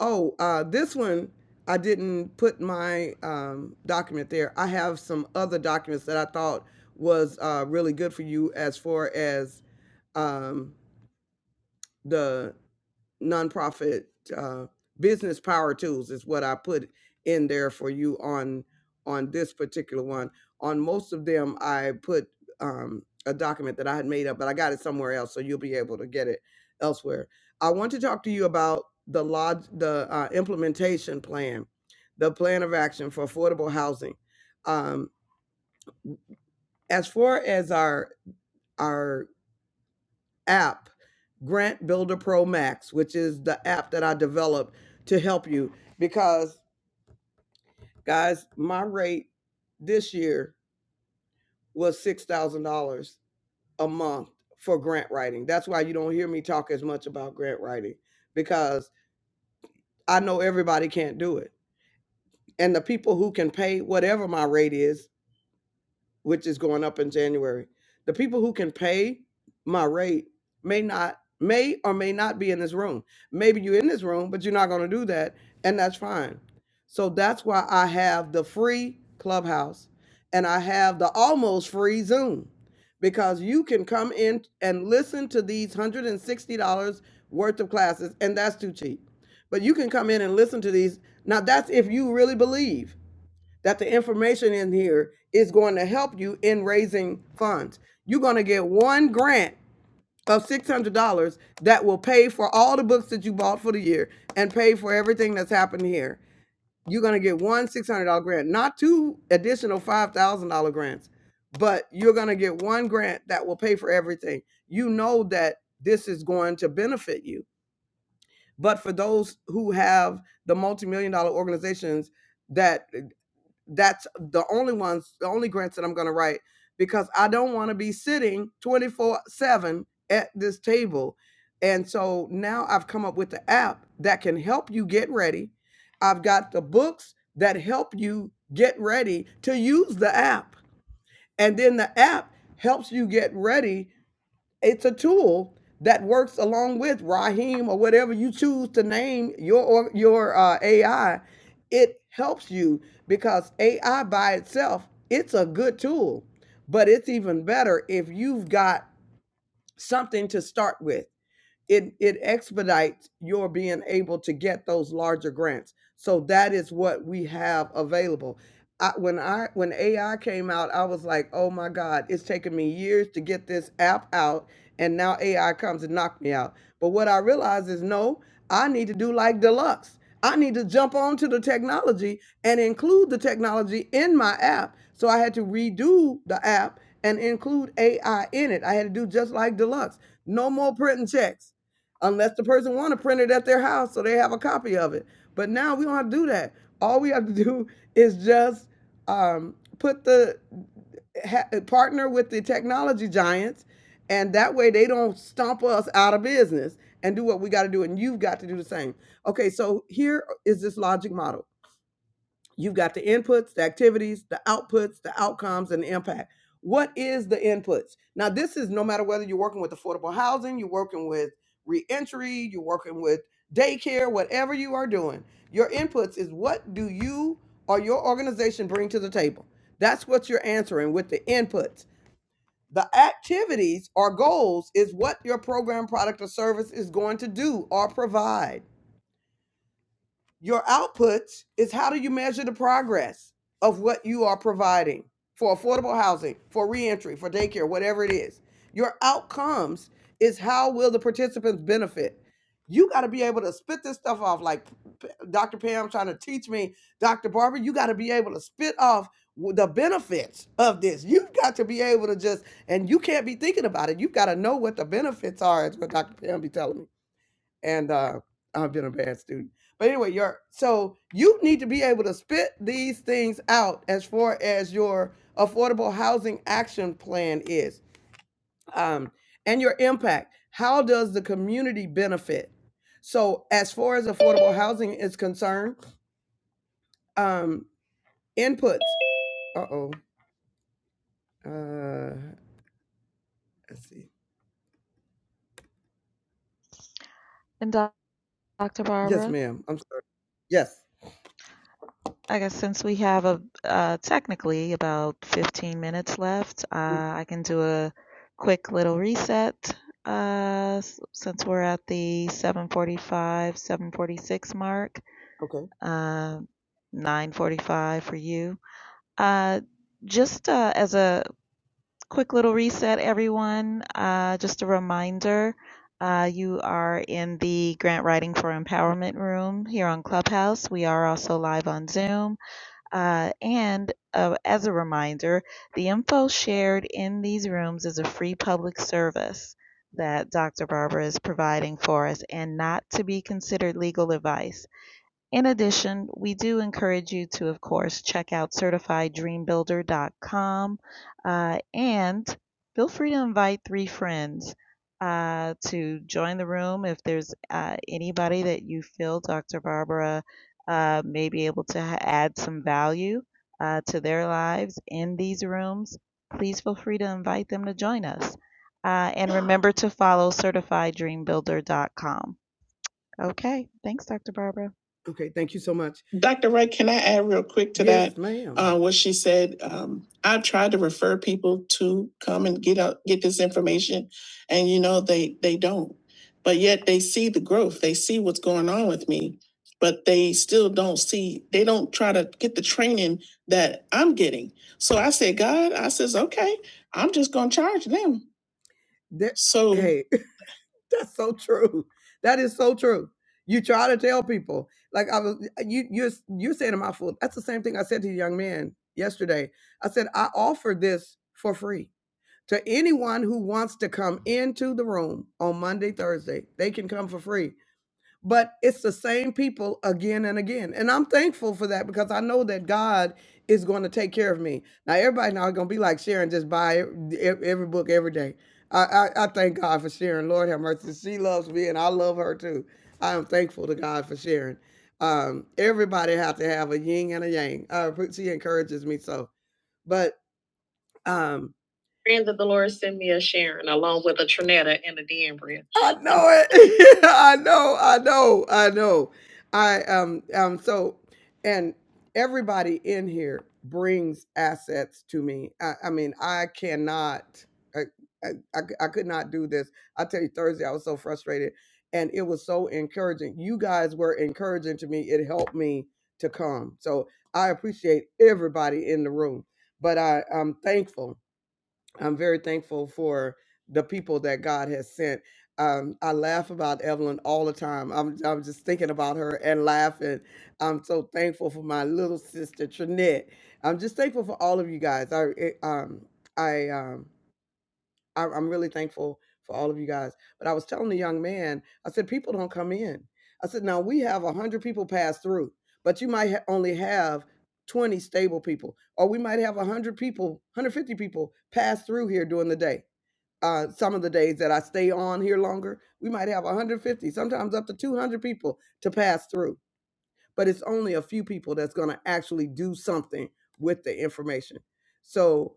Speaker 1: Oh, uh, this one I didn't put my um, document there. I have some other documents that I thought was uh, really good for you as far as um, the nonprofit uh, business power tools is what I put in there for you on on this particular one. On most of them, I put um, a document that I had made up, but I got it somewhere else, so you'll be able to get it elsewhere. I want to talk to you about the lodge, the uh, implementation plan, the plan of action for affordable housing. Um, as far as our our app, Grant Builder Pro Max, which is the app that I developed to help you. Because, guys, my rate this year was $6,000 a month for grant writing. That's why you don't hear me talk as much about grant writing because I know everybody can't do it. And the people who can pay whatever my rate is which is going up in January. The people who can pay my rate may not may or may not be in this room. Maybe you're in this room, but you're not going to do that, and that's fine. So that's why I have the free Clubhouse and I have the almost free Zoom because you can come in and listen to these $160 worth of classes and that's too cheap. But you can come in and listen to these. Now that's if you really believe that the information in here is going to help you in raising funds. You're going to get one grant of $600 that will pay for all the books that you bought for the year and pay for everything that's happened here. You're going to get one $600 grant, not two additional $5,000 grants, but you're going to get one grant that will pay for everything. You know that this is going to benefit you. But for those who have the multi million dollar organizations, that that's the only ones, the only grants that I'm going to write because I don't want to be sitting 24 7 at this table. And so now I've come up with the app that can help you get ready. I've got the books that help you get ready to use the app. And then the app helps you get ready it's a tool that works along with Raheem or whatever you choose to name your your uh, AI. It helps you because AI by itself, it's a good tool, but it's even better if you've got something to start with it it expedites your being able to get those larger grants. So that is what we have available. I, when I when AI came out, I was like, "Oh my God, it's taken me years to get this app out, and now AI comes and knocked me out." But what I realized is, no, I need to do like Deluxe. I need to jump onto the technology and include the technology in my app. So I had to redo the app and include AI in it. I had to do just like Deluxe. No more printing checks unless the person want to print it at their house so they have a copy of it. But now we don't have to do that. All we have to do is just um, put the ha- partner with the technology giants, and that way they don't stomp us out of business and do what we got to do, and you've got to do the same. Okay, so here is this logic model. You've got the inputs, the activities, the outputs, the outcomes, and the impact. What is the inputs? Now, this is no matter whether you're working with affordable housing, you're working with reentry, you're working with daycare, whatever you are doing, your inputs is what do you or your organization bring to the table? That's what you're answering with the inputs. The activities or goals is what your program, product, or service is going to do or provide your outputs is how do you measure the progress of what you are providing for affordable housing, for reentry, for daycare, whatever it is. Your outcomes is how will the participants benefit. You got to be able to spit this stuff off like Dr. Pam trying to teach me, Dr. Barber, you got to be able to spit off the benefits of this. You've got to be able to just and you can't be thinking about it. You've got to know what the benefits are, is what Dr. Pam be telling me and uh, I've been a bad student. But anyway, your so you need to be able to spit these things out as far as your affordable housing action plan is, um, and your impact. How does the community benefit? So as far as affordable housing is concerned, um, inputs. Uh oh. Uh, let's see.
Speaker 2: And Dr.
Speaker 1: Yes,
Speaker 2: Barbara?
Speaker 1: ma'am. I'm sorry. Yes.
Speaker 2: I guess since we have a uh, technically about 15 minutes left,
Speaker 1: Mm,
Speaker 2: uh, I can do a quick little reset uh, s- since we're at the 7:45, 7:46 mark,
Speaker 1: Okay.
Speaker 2: uh, 9:45 for you. Uh, just uh, as a quick little reset, everyone. Uh, just a reminder. Uh, you are in the Grant Writing for Empowerment room here on Clubhouse. We are also live on Zoom. Uh, and uh, as a reminder, the info shared in these rooms is a free public service that Dr. Barbara is providing for us and not to be considered legal advice. In addition, we do encourage you to, of course, check out certifieddreambuilder.com uh, and feel free to invite three friends uh, to join the room if there's uh, anybody that you feel Dr. Barbara uh, may be able to ha- add some value uh, to their lives in these rooms. Please feel free to invite them to join us. Uh, and remember to follow certifieddreambuilder.com. Okay, thanks, Dr. Barbara.
Speaker 1: Okay, thank you so much. Dr. Wright, can I add real quick to that? Yes, ma'am. Uh, what she said, um, I've tried to refer people to come and get out, get this information, and you know they they don't. But yet they see the growth, they see what's going on with me, but they still don't see. They don't try to get the training that I'm getting. So I said, God, I says, okay, I'm just gonna charge them. That So hey, that's so true. That is so true. You try to tell people, like I was, you you're you're saying to my fool. That's the same thing I said to the young man yesterday. I said I offer this for free to anyone who wants to come into the room on Monday, Thursday. They can come for free but it's the same people again and again. And I'm thankful for that because I know that God is going to take care of me. Now, everybody now going to be like Sharon, just buy ev- ev- every book every day. I, I, I thank God for Sharon. Lord have mercy. She loves me and I love her too. I am thankful to God for Sharon. Um, everybody has to have a yin and a yang. Uh, she encourages me so. But um, Friends of Dolores sent me a Sharon along with a Trinetta and a Danbridge. I know it. I know. I know. I know. I um um so and everybody in here brings assets to me. I, I mean, I cannot. I I I I could not do this. I tell you, Thursday I was so frustrated, and it was so encouraging. You guys were encouraging to me. It helped me to come. So I appreciate everybody in the room but I, I'm thankful. I'm very thankful for the people that God has sent. Um, I laugh about Evelyn all the time. I'm, I'm just thinking about her and laughing. I'm so thankful for my little sister Trinette. I'm just thankful for all of you guys. I it, um, I um, I, I'm really thankful for all of you guys. But I was telling the young man, I said, people don't come in. I said, now we have 100 people pass through, but you might ha- only have 20 stable people, or we might have 100 people, 150 people pass through here during the day. Uh, some of the days that I stay on here longer, we might have 150, sometimes up to 200 people to pass through. But it's only a few people that's going to actually do something with the information. So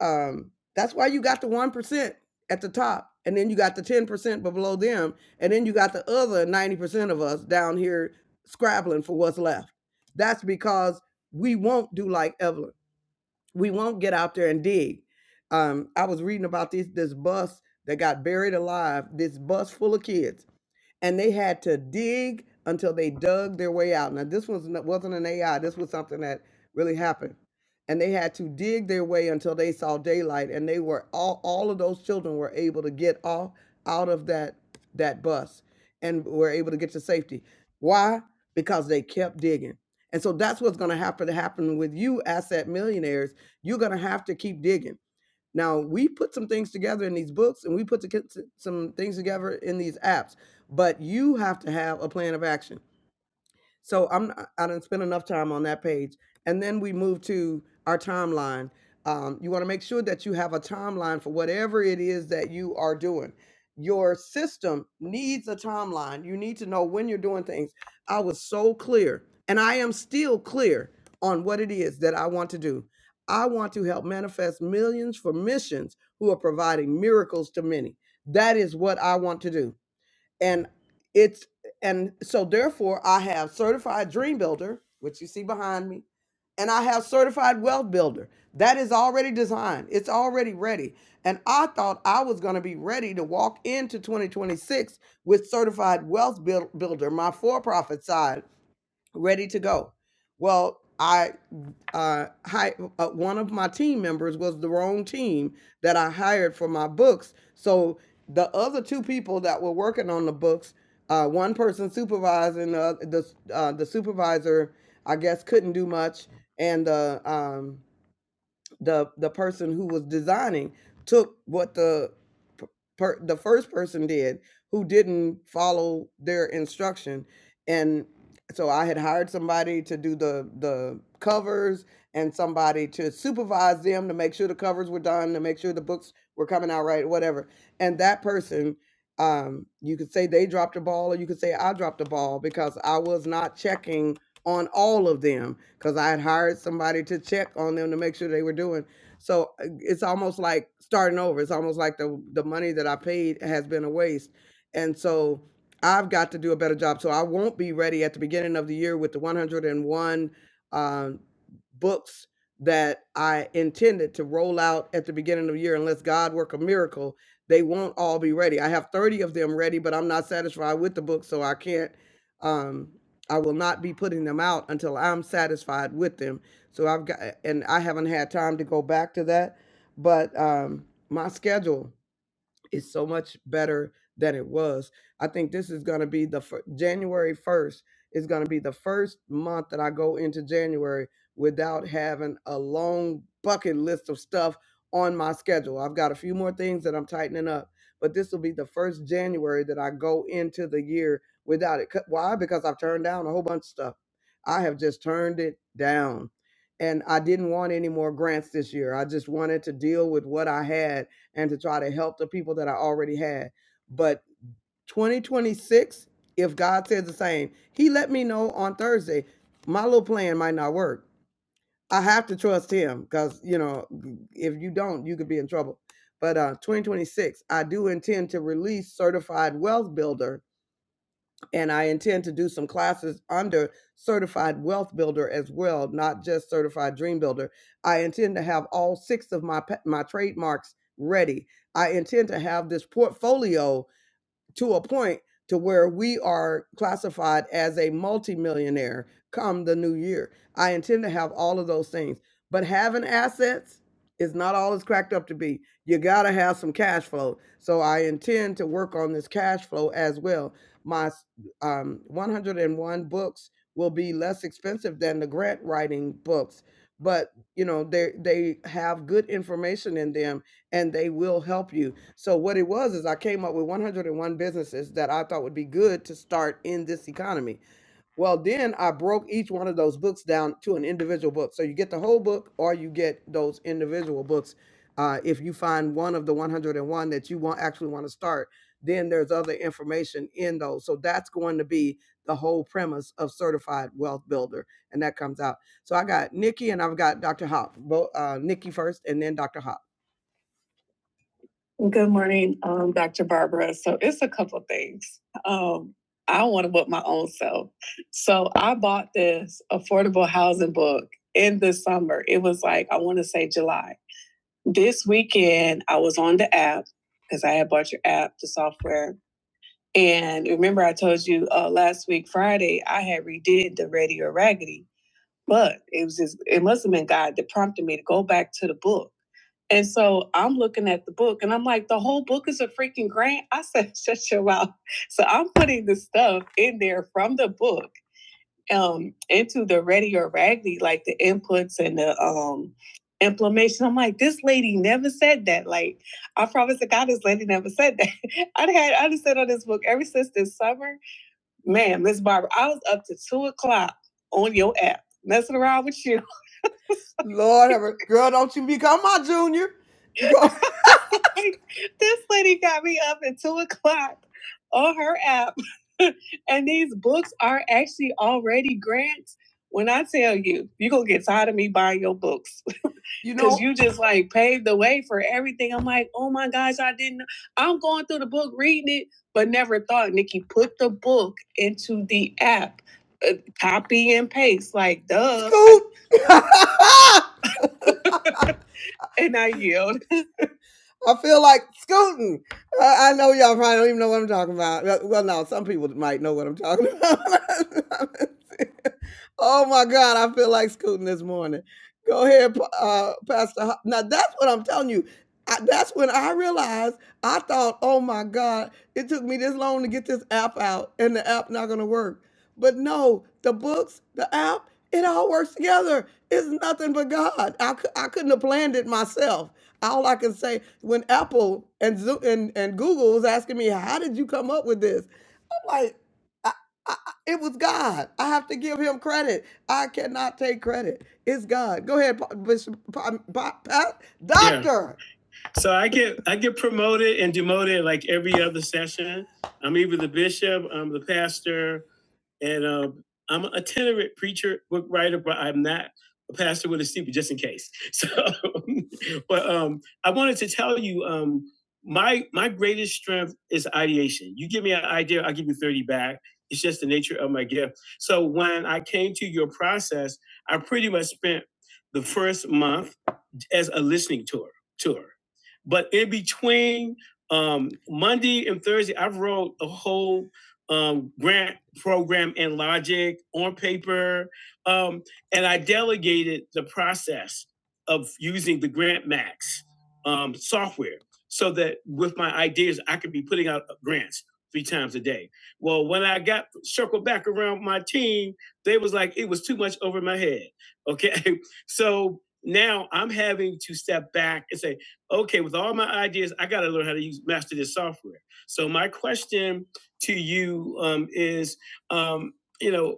Speaker 1: um, that's why you got the one percent at the top, and then you got the ten percent below them, and then you got the other ninety percent of us down here scrabbling for what's left. That's because we won't do like Evelyn. We won't get out there and dig. Um, I was reading about this this bus that got buried alive. This bus full of kids and they had to dig until they dug their way out. Now, this was n- wasn't an AI. This was something that really happened, and they had to dig their way until they saw daylight. And they were all all of those children were able to get off out of that that bus and were able to get to safety. Why? Because they kept digging. And so that's what's going to happen to happen with you, asset millionaires. You're going to have to keep digging now we put some things together in these books, and we put some things together in these apps. But you have to have a plan of action. So I'm I didn't spend enough time on that page. And then we move to our timeline. Um, you want to make sure that you have a timeline for whatever it is that you are doing. Your system needs a timeline. You need to know when you're doing things. I was so clear, and I am still clear on what it is that I want to do. I want to help manifest millions for missions who are providing miracles to many. That is what I want to do and it's and so therefore I have certified dream builder, which you see behind me, and I have certified wealth builder. That is already designed. It's already ready. And I thought I was going to be ready to walk into 2026 with certified wealth buil- builder, my for-profit side ready to go. Well, I uh, hi, uh, one of my team members was the wrong team that I hired for my books. So the other two people that were working on the books, uh, one person supervising uh, the uh, the supervisor, I guess, couldn't do much, and the. um, the the person who was designing took what the p- per, the first person did who didn't follow their instruction and so I had hired somebody to do the the covers and somebody to supervise them to make sure the covers were done to make sure the books were coming out right whatever and that person um you could say they dropped the ball or you could say I dropped the ball because I was not checking on all of them because I had hired somebody to check on them to make sure they were doing. So uh, it's almost like starting over. It's almost like the the money that I paid has been a waste, and so I've got to do a better job. So I won't be ready at the beginning of the year with the 101 um, books that I intended to roll out at the beginning of the year. Unless God work a miracle, they won't all be ready. I have 30 of them ready, but I'm not satisfied with the book, so I can't. Um, I will not be putting them out until I'm satisfied with them. So I've got, and I haven't had time to go back to that, but um, my schedule is so much better than it was. I think this is going to be the fir- January 1st is going to be the first month that I go into January without having a long bucket list of stuff on my schedule. I've got a few more things that I'm tightening up, but this will be the first January that I go into the year without it. 'Cause- Why? Because I've turned down a whole bunch of stuff. I have just turned it down. And I didn't want any more grants this year. I just wanted to deal with what I had and to try to help the people that I already had. But 2026, if God says the same, He let me know on Thursday, my little plan might not work. I have to trust Him because, you know, if you don't, you could be in trouble. But uh, 2026, I do intend to release Certified Wealth Builder and I intend to do some classes under Certified Wealth Builder as well, not just Certified Dream Builder. I intend to have all six of my my trademarks ready. I intend to have this portfolio to a point to where we are classified as a multimillionaire come the new year. I intend to have all of those things, but having assets is not all it's cracked up to be. You got to have some cash flow. So I intend to work on this cash flow as well. My um, 101 books will be less expensive than the grant writing books, but you know they they have good information in them and they will help you. So what it was is I came up with 101 businesses that I thought would be good to start in this economy. Well, then I broke each one of those books down to an individual book. So you get the whole book or you get those individual books. Uh, if you find one of the 101 that you want actually want to start, then there's other information in those. So that's going to be the whole premise of Certified Wealth Builder, and that comes out. So I got Nikki and I've got Dr. Hop. Both uh, Nikki first, and then Dr. Hop. Good morning, um, Dr. Barbara. So it's a couple of things. Um, I want to book my own self. So I bought this affordable housing book in the summer. It was like, I want to say July. This weekend, I was on the app because I had bought your app, the software. And remember, I told you uh, last week, Friday, I had redid the Radio Raggedy. But it was just, it must have been God that prompted me to go back to the book and so I'm looking at the book and I'm like, the whole book is a freaking grant. I said, shut your mouth. So I'm putting the stuff in there from the book um, into the ready or raggedy, like the inputs and the um, inflammation. I'm like, this lady never said that. Like, I promise to God, this lady never said that. I'd had, I'd said on this book ever since this summer. Man, Miss Barbara, I was up to two o'clock on your app, messing around with you. Lord, have a- girl, don't you become my on, Junior. Girl, Like, this lady got me up at two o'clock on her app, and these books are actually already grants. When I tell you, you gonna get tired of me buying your books, You know, cause you just like paved the way for everything. I'm like, oh my gosh, I didn't. I'm going through the book, reading it, but never thought Nikki put the book into the app, uh, copy and paste, like duh. Scoop. And I yelled. I feel like scooting. Uh, I know y'all probably don't even know what I'm talking about. Uh, Well, no, some people might know what I'm talking about. oh my God, I feel like scooting this morning. Go ahead, uh, Pastor. Ho- Now that's what I'm telling you. I, that's when I realized I thought, oh my God, it took me this long to get this app out, and the app not gonna work. But no, the books, the app, it all works together. It's nothing but God. I, cou- I couldn't have planned it myself all I can say when Apple and Zo- and and Google was asking me, "How did you come up with this?" I'm like, I, I, I- "It was God. I have to give Him credit. I cannot take credit. It's God." Go ahead, Pa- Bishop, Pa- Pa- Pa- Yeah. Doctor. So I get I get promoted and demoted like every other session. I'm either the bishop, I'm the pastor, and um, I'm an itinerant preacher, book writer, but I'm not a pastor with a steeple, just in case. So, but um, I wanted to tell you, um, my my greatest strength is ideation. You give me an idea, I'll give you thirty back. It's just the nature of my gift. So when I came to your process, I pretty much spent the first month as a listening tour tour. But in between um, Monday and Thursday, I wrote a whole um, grant program in Logic on paper, um, and I delegated the process of using the Grant Max um, software so that with my ideas, I could be putting out uh, grants three times a day. Well, when I got circled back around my team, they was like, it was too much over my head. Okay. So now I'm having to step back and say, okay, with all my ideas, I got to learn how to use master this software. So my question to you um, is, um, you know,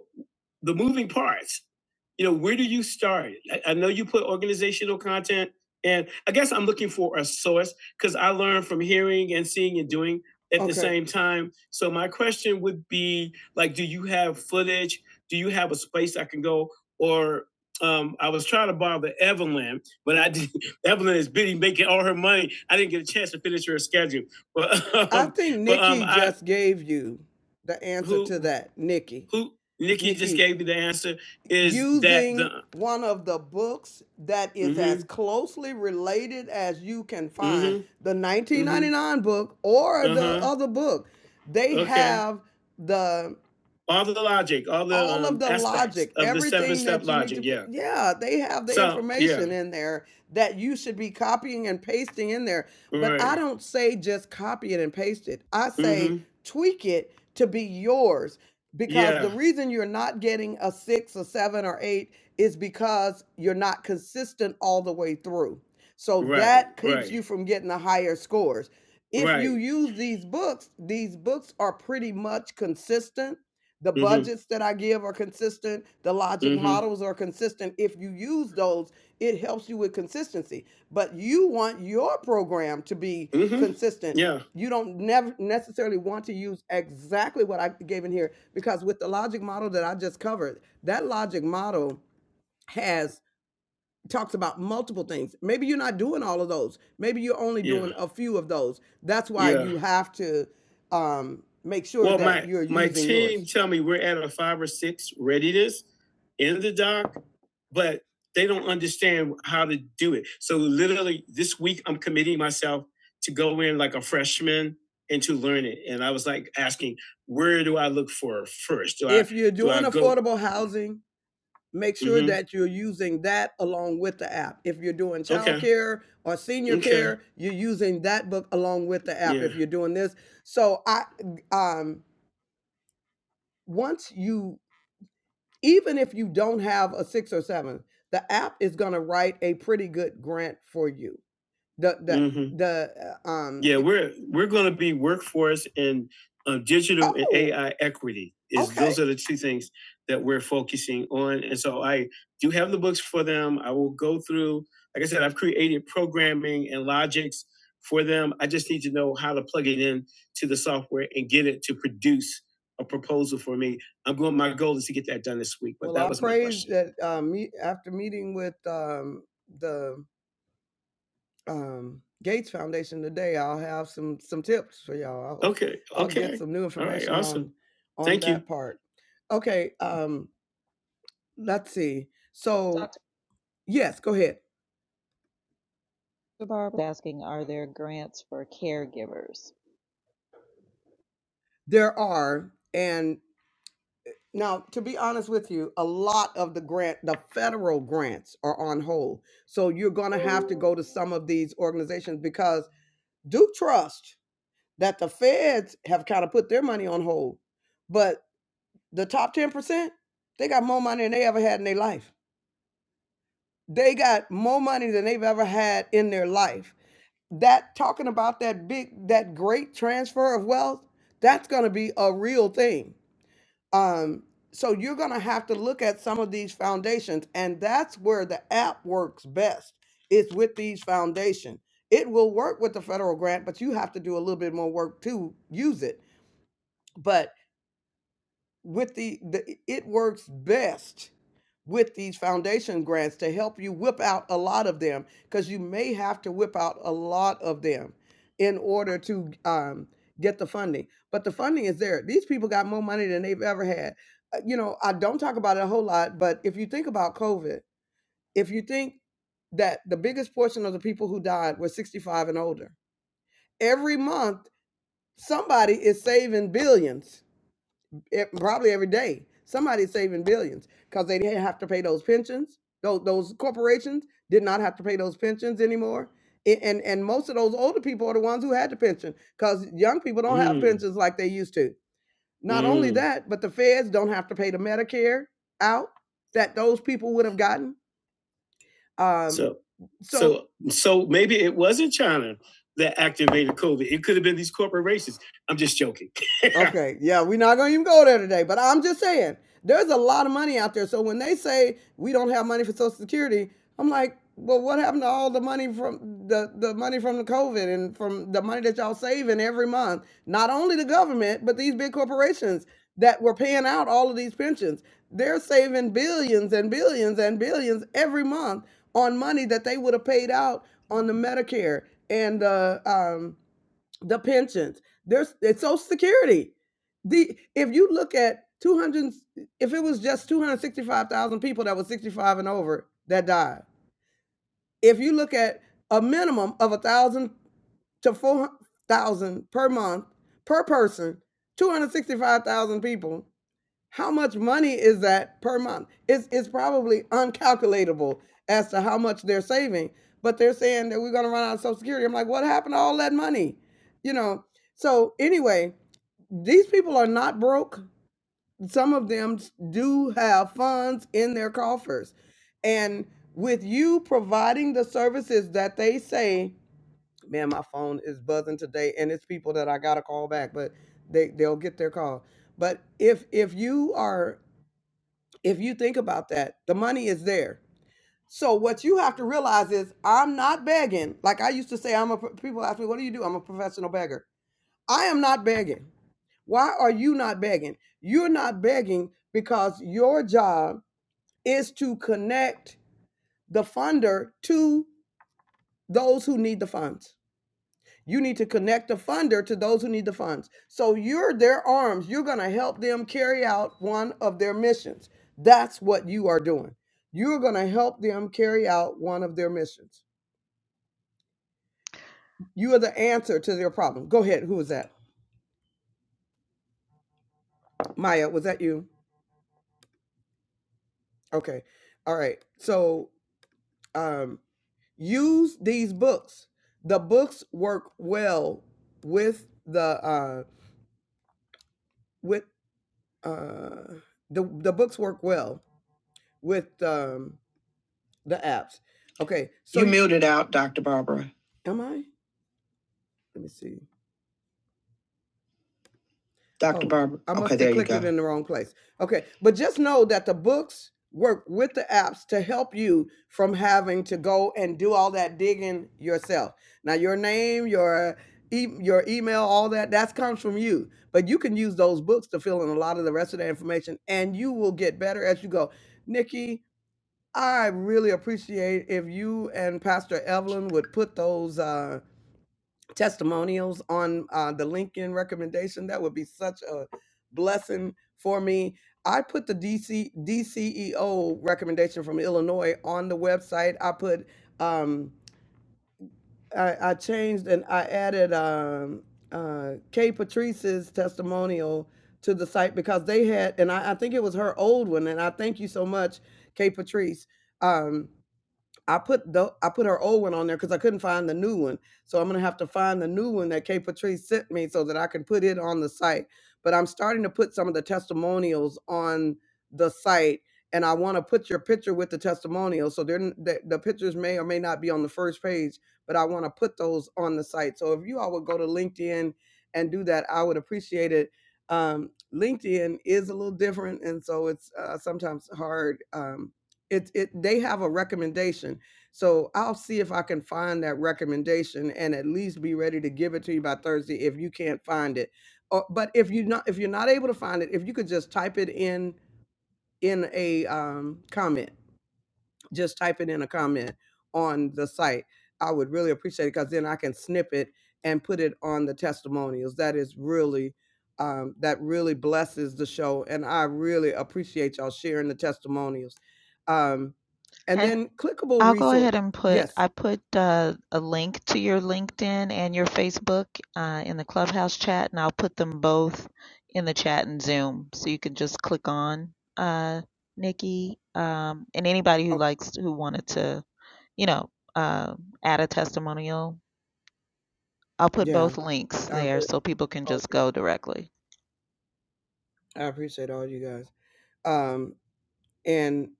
Speaker 1: the moving parts. You know, where do you start? I, I know you put organizational content, and I guess I'm looking for a source because I learn from hearing and seeing and doing at the Okay. same time. So my question would be, like, do you have footage? Do you have a space I can go? Or um, I was trying to borrow the Evelyn, but I did. Evelyn is busy making all her money. I didn't get a chance to finish her schedule. But I um, I think Nikki but um, Nikki I just gave you the answer who to that, Nikki. who Nikki Nikki just gave me the answer is that using that the one of the books that is as mm-hmm, as closely related as you can find mm-hmm, the nineteen ninety-nine mm-hmm, 1999 book or the uh-huh. the other book. They Okay. have the All the logic, all the all um, of um, the logic, of everything the seven everything step that you need logic. to Yeah. yeah, they have the So yeah. information yeah. in there that you should be copying and pasting in there. But right. I Right. don't say just copy it and paste it. I say Mm-hmm. tweak it to be yours because the Yeah. reason you're not getting a six, a seven, or eight is because you're not consistent all the way through. So Right. that keeps Right. you from getting the higher scores. If you Right. use these books, these books are pretty much consistent. The Mm-hmm. budgets that I give are consistent. The logic Mm-hmm. models are consistent. If you use those, it helps you with consistency, but you want your program to be Mm-hmm. consistent. Yeah. You don't never necessarily want to use exactly what I gave in here because with the logic model that I just covered, that logic model has talks about multiple things. Maybe you're not doing all of those. Maybe you're only Yeah. doing a few of those. That's why Yeah. you have to um, make sure Well, that my you're my using team yours. tell me we're at a five or six readiness in the dock, but they don't understand how to do it. So literally this week I'm committing myself to go in like a freshman and to learn it. And I was like asking, where do I look for first? Do I If you're do I doing go affordable housing, make sure hmm that you're using that along with the app. If you're doing child Okay. childcare or senior Okay. care, you're using that book along with the app if Yeah. you're doing this. So I um once you even if you don't have a 6 or 7, the app is going to write a pretty good grant for you the the hmm the uh, um Yeah, we're we're going to be workforce and uh, digital and oh AI equity. Is okay those are the two things that we're focusing on, and so I do have the books for them. I will go through. Like I said, I've created programming and logics for them. I just need to know how to plug it in to the software and get it to produce a proposal for me. I'm going. My goal is to get that done this week. But well that i was my praise question. that um meet after meeting with um the um, Gates Foundation today. I'll have some some tips for y'all. I'll, Okay. I'll get Okay. get some new right. information on Awesome. on on Thank that you. part. Okay, um, let's see. So yes, go ahead.
Speaker 2: Mr. Barber. asking, are there grants for caregivers?
Speaker 1: There are and now to be honest with you, a lot of the grant, the federal grants are on hold. So you're going to have to go to some of these organizations because do trust that the feds have kind of put their money on hold. But The top 10%, they got more money than they ever had in their life. They got more money than they've ever had in their life. That talking about that big, that great transfer of wealth, that's gonna be a real thing. Um, so you're gonna have to look at some of these foundations, and that's where the app works best. It's with these foundation. It will work with the federal grant, but you have to do a little bit more work to use it. But. with the, the it works best with these foundation grants to help you whip out a lot of them because you may have to whip out a lot of them in order to um, get the funding but the funding is there these people got more money than they've ever had Uh, you know i don't talk about it a whole lot but if you think about covid if you think that the biggest portion of the people who died were 65 and older every month somebody is saving billions it, probably every day. Somebody's saving billions because they didn't have to pay those pensions. Those, those corporations did not have to pay those pensions anymore. A- And, and most of those older people are the ones who had the pension because young people don't have Mm, pensions like they used to. Not only mm, that, but the feds don't have to pay the Medicare out that those people would have gotten um, So, so so, so maybe it wasn't China that activated COVID. It could have been these corporations. I'm just joking. Okay, yeah, we're not gonna even go there today, but I'm just saying there's a lot of money out there. So when they say we don't have money for Social Security, I'm like, well, what happened to all the money from the the money from the COVID and from the money that y'all saving every month? Not only the government, but these big corporations that were paying out all of these pensions. They're saving billions and billions and billions every month on money that they would have paid out on the Medicare and the um, the pensions. There's it's Social Security. The if you look at 200, if it was just 265,000 people that was 65 and over that died, if you look at a minimum of a thousand to four thousand per month per person, two hundred sixty-five thousand people. How much money is that per month? It's it's probably uncalculatable as to how much they're saving, but they're saying that we're gonna run out of Social Security. I'm like, what happened to all that money? You know. So anyway, these people are not broke. Some of them do have funds in their coffers, and with you providing the services that they say, man, my phone is buzzing today, and it's people that I gotta call back, but they they'll get their call. But if if you are if you think about that, the money is there. So what you have to realize is I'm not begging. Like I used to say, I'm a pro- people ask me, what do you do? I'm a professional beggar. I am not begging. Why are you not begging? You're not begging because your job is to connect the funder to those who need the funds. You need to connect the funder to those who need the funds. So you're their arms. You're going to help them carry out one of their missions. That's what you are doing. You're going to help them carry out one of their missions. You are the answer to their problem. Go ahead. Who was that? Maya, was that you? Okay. All right. So um, use these books. The books work well with the uh, with uh, the the books work well with um, the apps. Okay, so You muted out, Dr. Barbara. am I? Let me see. Dr. Oh, Barbara. I must Okay, have there you clicked it go. in the wrong place. Okay, but just know that the books work with the apps to help you from having to go and do all that digging yourself. Now, your name, your e- your email, all that that comes from you, but you can use those books to fill in a lot of the rest of the information, and you will get better as you go. Nikki, I really appreciate if you and Pastor Evelyn would put those. Uh, testimonials on uh, the LinkedIn recommendation. That would be such a blessing for me. I put the DC DCEO recommendation from Illinois on the website. I put um, I, I changed and I added um, uh, Kay Patrice's testimonial to the site because they had, and I, I think it was her old one. And I thank you so much, Kay Patrice. Um, I put the I put her old one on there because I couldn't find the new one. So I'm gonna have to find the new one that Kay Patrice sent me so that I can put it on the site. But I'm starting to put some of the testimonials on the site, and I want to put your picture with the testimonials. So they're n- the, the pictures may or may not be on the first page, but I want to put those on the site. So if you all would go to LinkedIn and do that, I would appreciate it. Um, LinkedIn is a little different, and so it's uh, sometimes hard. Um, it, it they have a recommendation so I'll see if I can find that recommendation and at least be ready to give it to you by Thursday if you can't find it. Or, but if you not if you're not able to find it, if you could just type it in in a um, comment, just type it in a comment on the site. I would really appreciate it because then I can snip it and put it on the testimonials. That is really um, that really blesses the show, and I really appreciate y'all sharing the testimonials. Um, and
Speaker 2: And
Speaker 1: then clickable
Speaker 2: I'll go
Speaker 1: resource.
Speaker 2: ahead and put,
Speaker 1: Yes.
Speaker 2: I put uh, a link to your LinkedIn and your Facebook uh, in the Clubhouse chat, and I'll put them both in the chat and Zoom. So you can just click on uh, Nikki um, and anybody who
Speaker 1: oh,
Speaker 2: likes, who wanted to, you know, uh, add a testimonial. I'll put
Speaker 1: Yeah,
Speaker 2: both links
Speaker 1: I
Speaker 2: there
Speaker 1: really
Speaker 2: so people can
Speaker 1: all
Speaker 2: just
Speaker 1: you
Speaker 2: go directly.
Speaker 1: guys. I appreciate all you guys. Um, and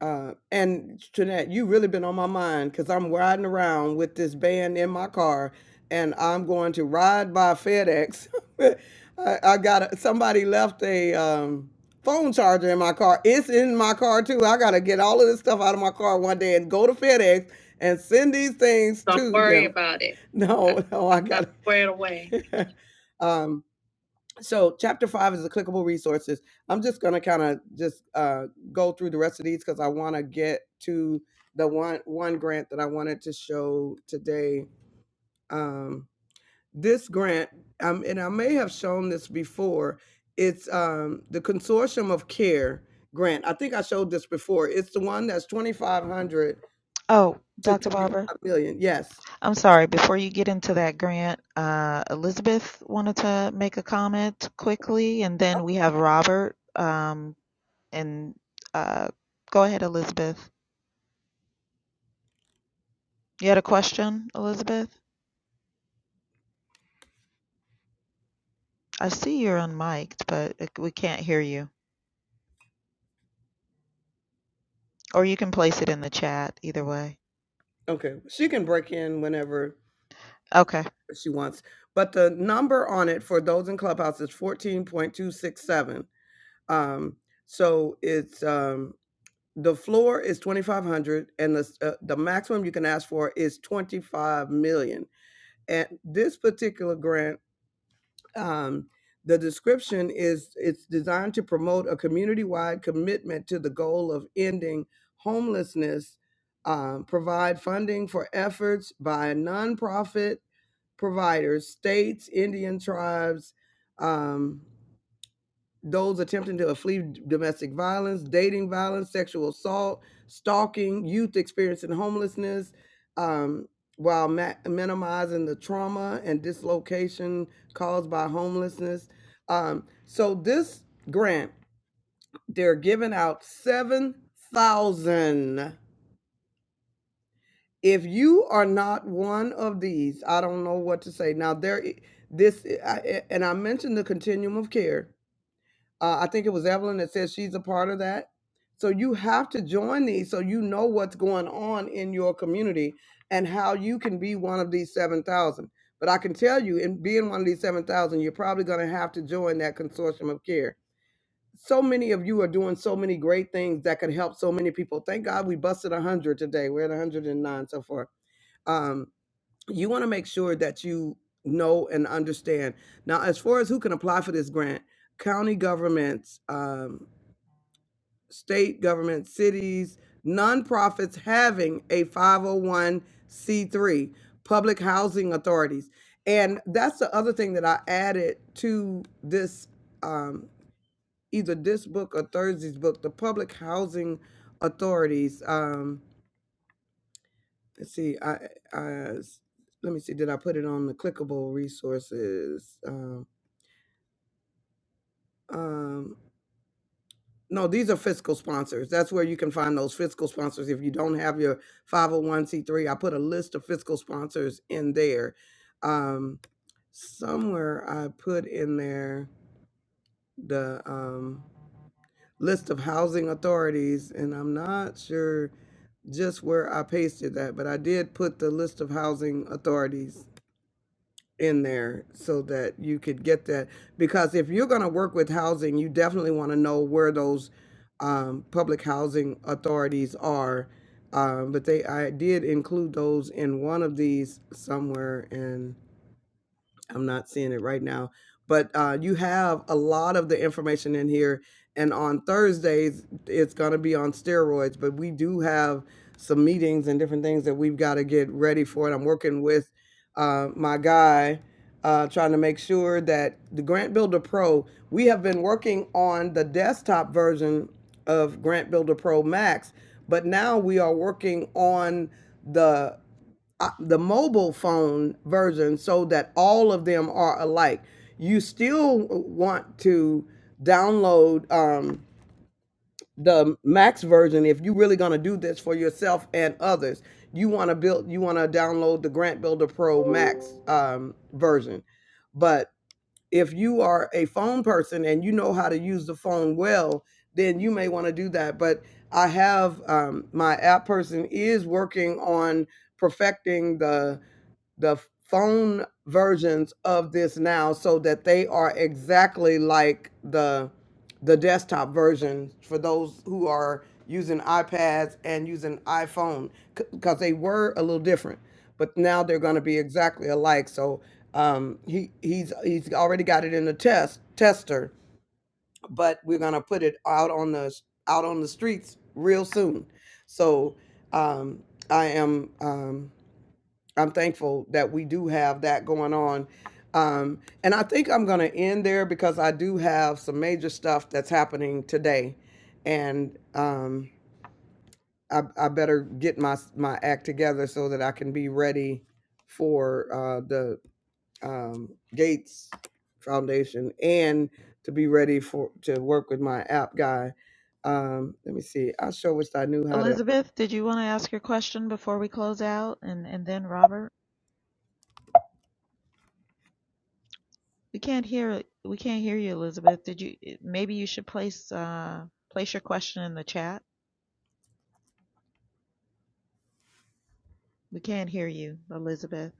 Speaker 1: uh, and Jeanette, you really been on my mind because I'm riding around with this band in my car, and I'm going to ride by FedEx. I, I got a, somebody left a um, phone charger in my car. It's in my car too. I gotta get all of this stuff out of my car one day and go to FedEx and send these things Don't to worry them. about it. No, no, I that gotta. squared away. um, so chapter five is the clickable resources i'm just going to kind of just uh, go through the rest of these because i want to get to the one one grant that i wanted to show today um, this grant um, and i may have shown this before it's um, the consortium of care grant i think i showed this before it's the one that's 2500
Speaker 2: Oh,
Speaker 1: to
Speaker 2: Dr. Barber,
Speaker 1: 25 million yes
Speaker 2: I'm sorry, before you get into that, Grant, uh, Elizabeth wanted to make a comment quickly, and then we have Robert. Um, and uh, go ahead, Elizabeth. You had a question, Elizabeth? I see you're unmiked, but it- we can't hear you. Or you can place it in the chat, either way.
Speaker 1: okay she can break in whenever
Speaker 2: Okay.
Speaker 1: she wants. But the number on it for those in Clubhouse is 14.267. Um, so it's um, the floor is 2,500, and the uh, the maximum you can ask for is 25 million. And this particular grant, um, the description is it's designed to promote a community-wide commitment to the goal of ending homelessness. Um, provide funding for efforts by a nonprofit providers, states, Indian tribes, um, those attempting to flee domestic violence, dating violence, sexual assault, stalking, youth experiencing homelessness, um, while ma- minimizing the trauma and dislocation caused by homelessness. Um, so this grant, they're giving out 7,000. if you are not one of these, I don't know what to say. Now there, i- this eh, I, eh, and I mentioned the continuum of care. Uh, I think it was Evelyn that said she's a part of that. So you have to join these so you know what's going on in your community and how you can be one of these seven thousand. But I can tell you, in being one of these seven thousand, you're probably going to have to join that consortium of care so many of you are doing so many great things that could help so many people. Thank God we busted 100 today. We're at 109 so far. Um, you want to make sure that you know and understand. Now, as far as who can apply for this grant, county governments, um, state governments, cities, nonprofits having a 501c3, public housing authorities. And that's the other thing that I added to this. Um, either this book or Thursday's book, the public housing authorities. Um, let's see, I, I let me see, did I put it on the clickable resources? Um, um, no, these are fiscal sponsors. That's where you can find those fiscal sponsors. If you don't have your 501c3, I put a list of fiscal sponsors in there. Um, somewhere I put in there the um, list of housing authorities, and I'm not sure just where I pasted that, but I did put the list of housing authorities in there so that you could get that. Because if you're going to work with housing, you definitely want to know where those um, public housing authorities are. Um, but they, I did include those in one of these somewhere, and I'm not seeing it right now. But uh, you have a lot of the information in here. And on Thursdays, it's going to be on steroids. But we do have some meetings and different things that we've got to get ready for. And I'm working with uh, my guy, uh, trying to make sure that the Grant Builder Pro, we have been working on the desktop version of Grant Builder Pro Max, but now we are working on the uh, the mobile phone version so that all of them are alike. You still want to download um, the max version if you're really going to do this for yourself and others. You want to build, you want to download the Grant Builder Pro Max um, version. But if you are a phone person and you know how to use the phone well, then you may want to do that. But I have um, my app person is working on perfecting the the phone versions of this now so that they are exactly like the the desktop version for those who are using iPads and using iPhone because they were a little different but now they're going to be exactly alike so um, he he's he's already got it in the test tester but we're going to put it out on the out on the streets real soon so um, I am. Um, I'm thankful that we do have that going on. Um, and I think I'm going to end there because I do have some major stuff that's happening today. And um, I, I better get my, my act together so that I can be ready for uh, the um, Gates Foundation and to be ready for to work with my app guy. Um, let me see. I sure wish I knew how to
Speaker 2: Elizabeth, did you want to ask your question before we close out, and, and then Robert? We can't hear we can't hear you, Elizabeth. Did you maybe you should place uh place your question in the chat? We can't hear you, Elizabeth.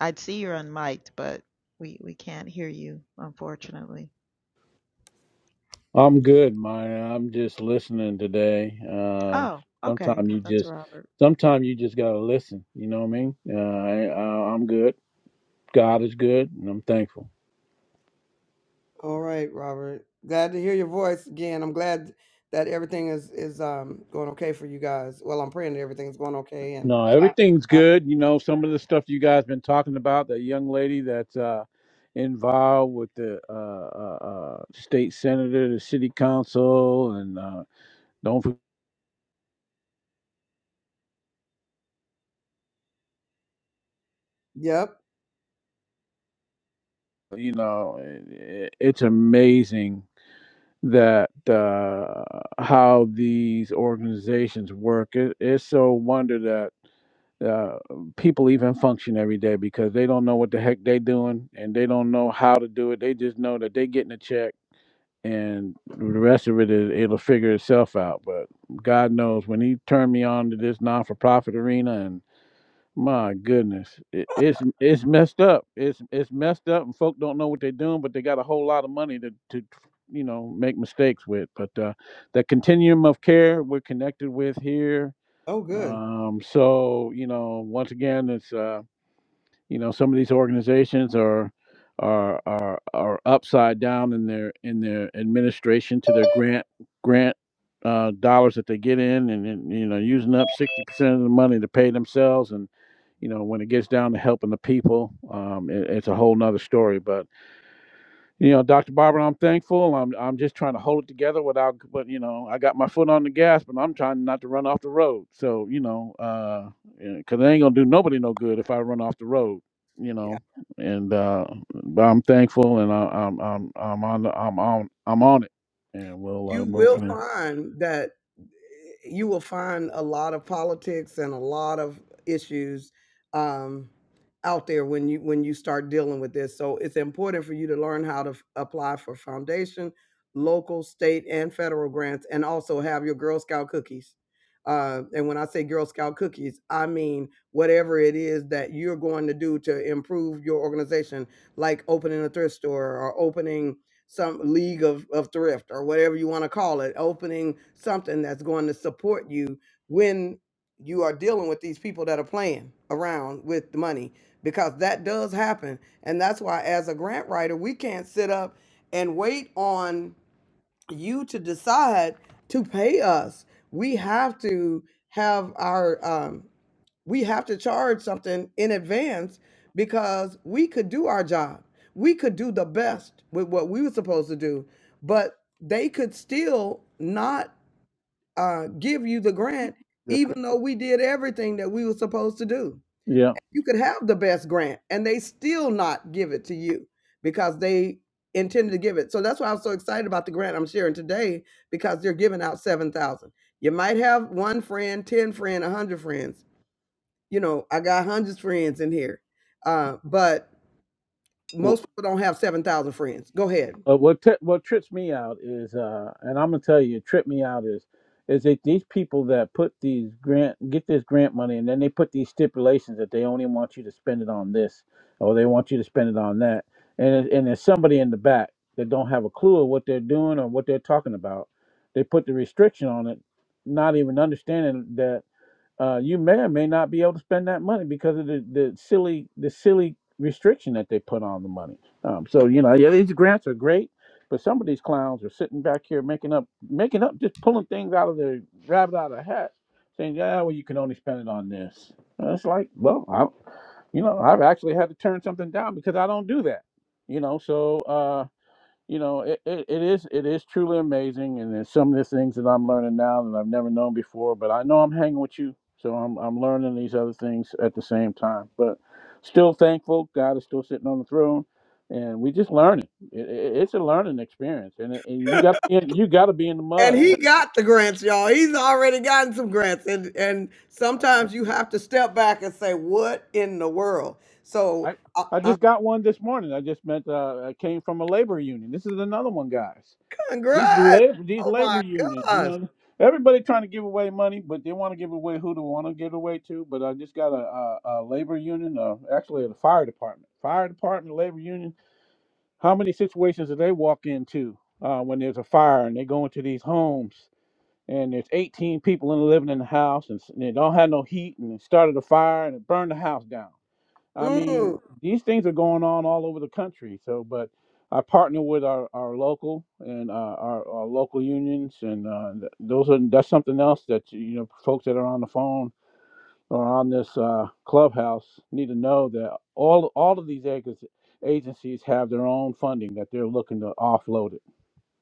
Speaker 2: I'd see you're unmiked, but we we can't hear you, unfortunately.
Speaker 3: I'm good, Maya. I'm just listening today. Uh,
Speaker 2: Oh, okay.
Speaker 3: sometimes you
Speaker 2: That's
Speaker 3: just,
Speaker 2: Robert.
Speaker 3: sometimes you just gotta listen. You know what I mean? Uh, I, I, I'm good. God is good, and I'm thankful.
Speaker 1: All right, Robert. Glad to hear your voice again. I'm glad that everything is is um going okay for you guys. Well, I'm praying that everything's going okay. And
Speaker 3: No, everything's
Speaker 1: uh,
Speaker 3: good. You know, some of the stuff you guys been talking about, the young lady that's uh, involved with the uh, uh, uh, state senator, the city council, and uh, don't, forget,
Speaker 1: yep.
Speaker 3: you know, it, it's amazing that uh, how these organizations work. It, it's so wonder that uh, people even function every day because they don't know what the heck they doing and they don't know how to do it. They just know that they getting a check and the rest of it is it'll figure itself out. But God knows when He turned me on to this non for profit arena and. My goodness, it, it's it's messed up. It's it's messed up, and folk don't know what they're doing, but they got a whole lot of money to to you know make mistakes with. But uh, the continuum of care we're connected with here.
Speaker 1: Oh, good.
Speaker 3: Um, so you know, once again, it's. uh, you know some of these organizations are are are are upside down in their in their administration to their grant grant uh, dollars that they get in and, and you know using up 60% of the money to pay themselves and you know when it gets down to helping the people um, it, it's a whole nother story But you know, Dr. Barber, I'm thankful. I'm I'm just trying to hold it together without, but you know, I got my foot on the gas, but I'm trying not to run off the road. So you know, uh, because it ain't gonna do nobody no good if I run off the road. You know, and uh, but I'm thankful, and I, I'm I'm I'm on the, I'm on I'm on it, and we'll uh,
Speaker 1: You
Speaker 3: move
Speaker 1: will
Speaker 3: from there.
Speaker 1: find that you will find a lot of politics and a lot of issues um, out there when you when you start dealing with this. So it's important for you to learn how to f- apply for foundation, local, state, and federal grants, and also have your Girl Scout cookies. Uh, and when I say Girl Scout cookies, I mean whatever it is that you're going to do to improve your organization, like opening a thrift store or opening some league of, of thrift or whatever you want to call it, opening something that's going to support you when you are dealing with these people that are playing around with the money because that does happen. And that's why, as a grant writer, we can't sit up and wait on you to decide to pay us. We have to have our um we have to charge something in advance because we could do our job. We could do the best with what we were supposed to do, but they could still not uh, give you the grant,
Speaker 3: Yes,
Speaker 1: even though we did everything that we were supposed to do.
Speaker 3: Yeah.
Speaker 1: You could have the best grant and they still not give it to you because they intended to give it. So that's why I'm so excited about the grant I'm sharing today because they're giving out 7,000. You might have one friend, 10 friend, 100 friends. You know, I got hundreds of friends in here. Uh, but most people don't have 7,000 friends. Go ahead.
Speaker 3: Uh, what t- what trips me out is, uh, and I'm gonna tell you, trip me out is, is that these people that put these grant get this grant money, and then they put these stipulations that they only want you to spend it on this, or they want you to spend it on that, and it- and there's somebody in the back that don't have a clue of what they're doing or what they're talking about. They put the restriction on it, not even understanding that uh, you may or may not be able to spend that money because of the, the silly the silly restriction that they put on the money. Um, so you know, yeah, these grants are great, but some of these clowns are sitting back here making up making up just pulling things out of the rabbit out of the hat, saying, "Yeah, well, you can only spend it on this." And it's like, well, I, you know, I've actually had to turn something down because I don't do that. You know, so. uh you know it, it, it is it is truly amazing and there's some of the things that i'm learning now that i've never known before but i know i'm hanging with you so i'm, I'm learning these other things at the same time but still thankful god is still sitting on the throne and we just learning it, it, it's a learning experience and, it, and you got you got to be in the
Speaker 1: And
Speaker 3: mud
Speaker 1: he got the grants, y'all. He's already gotten some grants. And and
Speaker 3: I,
Speaker 1: sometimes you have to step back and say, what in the world? So
Speaker 3: I
Speaker 1: I,
Speaker 3: i just got one this morning i just met uh i came from a labor union this is another one guys These
Speaker 1: Congrats.
Speaker 3: labor, these
Speaker 1: Oh
Speaker 3: labor
Speaker 1: my
Speaker 3: unions, you
Speaker 1: gosh.
Speaker 3: know, everybody trying to give away money, but they want to give away who they want to give away to. But I just got a, a, a labor union, uh, actually the fire department, fire department, labor union. How many situations do they walk into uh, when there's a fire and they go into these homes and there's 18 people in living in the house and, s- and they don't have no heat and it started a fire and it burned the house down. I
Speaker 1: Mm.
Speaker 3: mean, these things are going on all over the country. So, but I partner with our, our local and uh, our, our local unions, and uh, th- those are that's something else that you know folks that are on the phone or on this uh, clubhouse need to know that all all of these ag- agencies have their own funding that they're looking to offload it.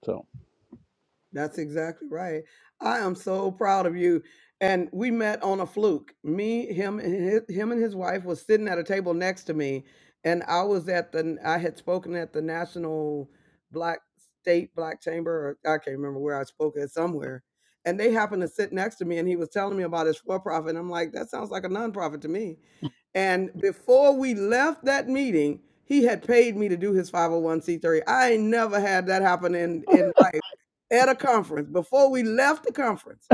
Speaker 3: So,
Speaker 1: That's exactly right. I am so proud of you. And we met on a fluke. Me, him, and his, him and his wife was sitting at a table next to me, and I was at the. I had spoken at the National Black State Black Chamber. Or I can't remember where I spoke at somewhere, and they happened to sit next to me, and he was telling me about his for profit. And I'm like, that sounds like a nonprofit to me. And before we left that meeting, he had paid me to do his 501c3. I ain't never had that happen in in life at a conference before we left the conference.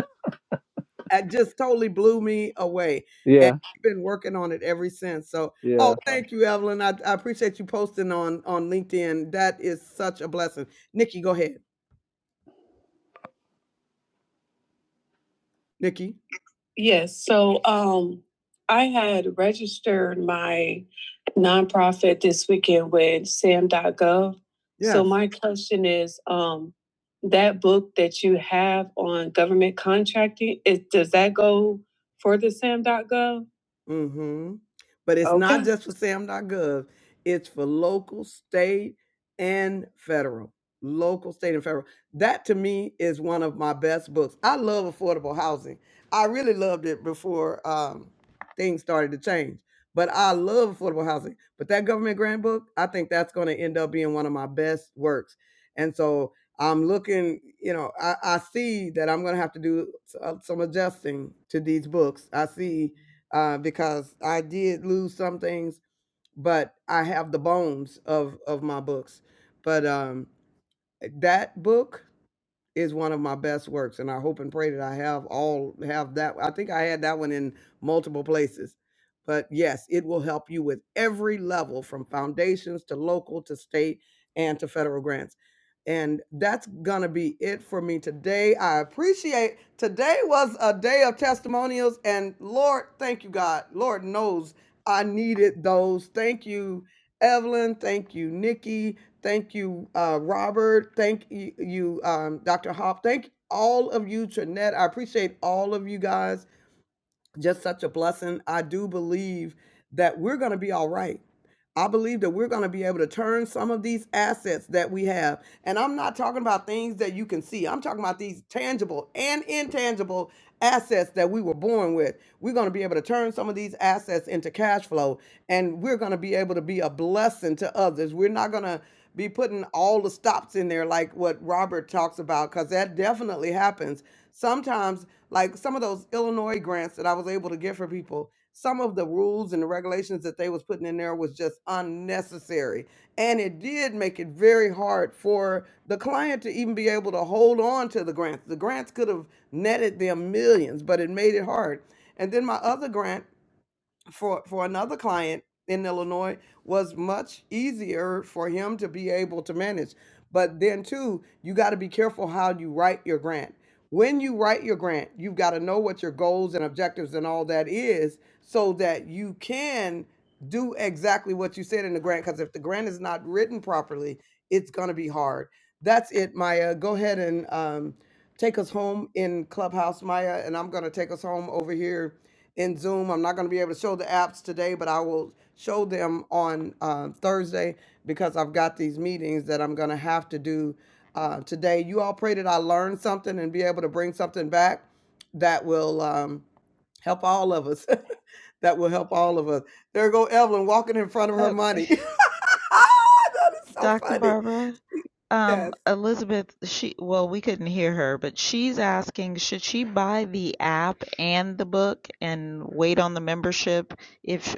Speaker 1: It just totally blew me away. And
Speaker 3: yeah,
Speaker 1: I've been working on it ever since. So,
Speaker 3: yeah.
Speaker 1: oh, thank you, Evelyn. I, I appreciate you posting on on LinkedIn. That is such a blessing. Nikki, go ahead. Nikki. Yes, so um, I had registered my nonprofit this weekend with sam.gov. Yeah. So Yes. my question is, um, that book that you have on government contracting, is, does that go for the sam.gov? Mm-hmm. But it's not Okay, just for SAM.gov, it's for local, state, and federal. Local, state, and federal. That to me is one of my best books. I love affordable housing. I really loved it before um, things started to change. But I love affordable housing. But that government grant book, I think that's going to end up being one of my best works. And so I'm looking, you know, I, I see that I'm going to have to do s- uh, some adjusting to these books. I see uh, because I did lose some things, but I have the bones of of my books. But um, that book is one of my best works and i hope and pray that i have all have that i think i had that one in multiple places but yes it will help you with every level from foundations to local to state and to federal grants and that's gonna be it for me today i appreciate today was a day of testimonials and lord thank you god lord knows i needed those thank you evelyn thank you nikki Thank you, uh, Robert. Thank y- you, um, Dr. Hop. Thank all of you, Trinette. I appreciate all of you guys just such a blessing. I do believe that we're going to be all right. I believe that we're going to be able to turn some of these assets that we have. And I'm not talking about things that you can see. I'm talking about these tangible and intangible assets that we were born with. We're going to be able to turn some of these assets into cash flow and we're going to be able to be a blessing to others. We're not going to be putting all the stops in there like what Robert talks about cuz that definitely happens. Sometimes like some of those Illinois grants that I was able to get for people, some of the rules and the regulations that they was putting in there was just unnecessary. And it did make it very hard for the client to even be able to hold on to the grants. The grants could have netted them millions, but it made it hard. And then my other grant for for another client in Illinois was much easier for him to be able to manage. But then too, you got to be careful how you write your grant. When you write your grant, you've got to know what your goals and objectives and all that is so that you can do exactly what you said in the grant because if the grant is not written properly, it's going to be hard. That's it, Maya. Go ahead and um, take us home in Clubhouse, Maya, and I'm going to take us home over here in Zoom. I'm not going to be able to show the apps today, but I will show them on uh, Thursday because I've got these meetings that I'm going to have to do uh, today. You all pray that I learn something and be able to bring something back that will um, help all of us. that will help all of us. There go Evelyn walking in front of her
Speaker 2: Uh,
Speaker 1: money. that is so
Speaker 2: Dr.
Speaker 1: funny.
Speaker 2: Barbara, um,
Speaker 1: Yes.
Speaker 2: Elizabeth, she well, we couldn't hear her, but she's asking, should she buy the app and the book and wait on the membership if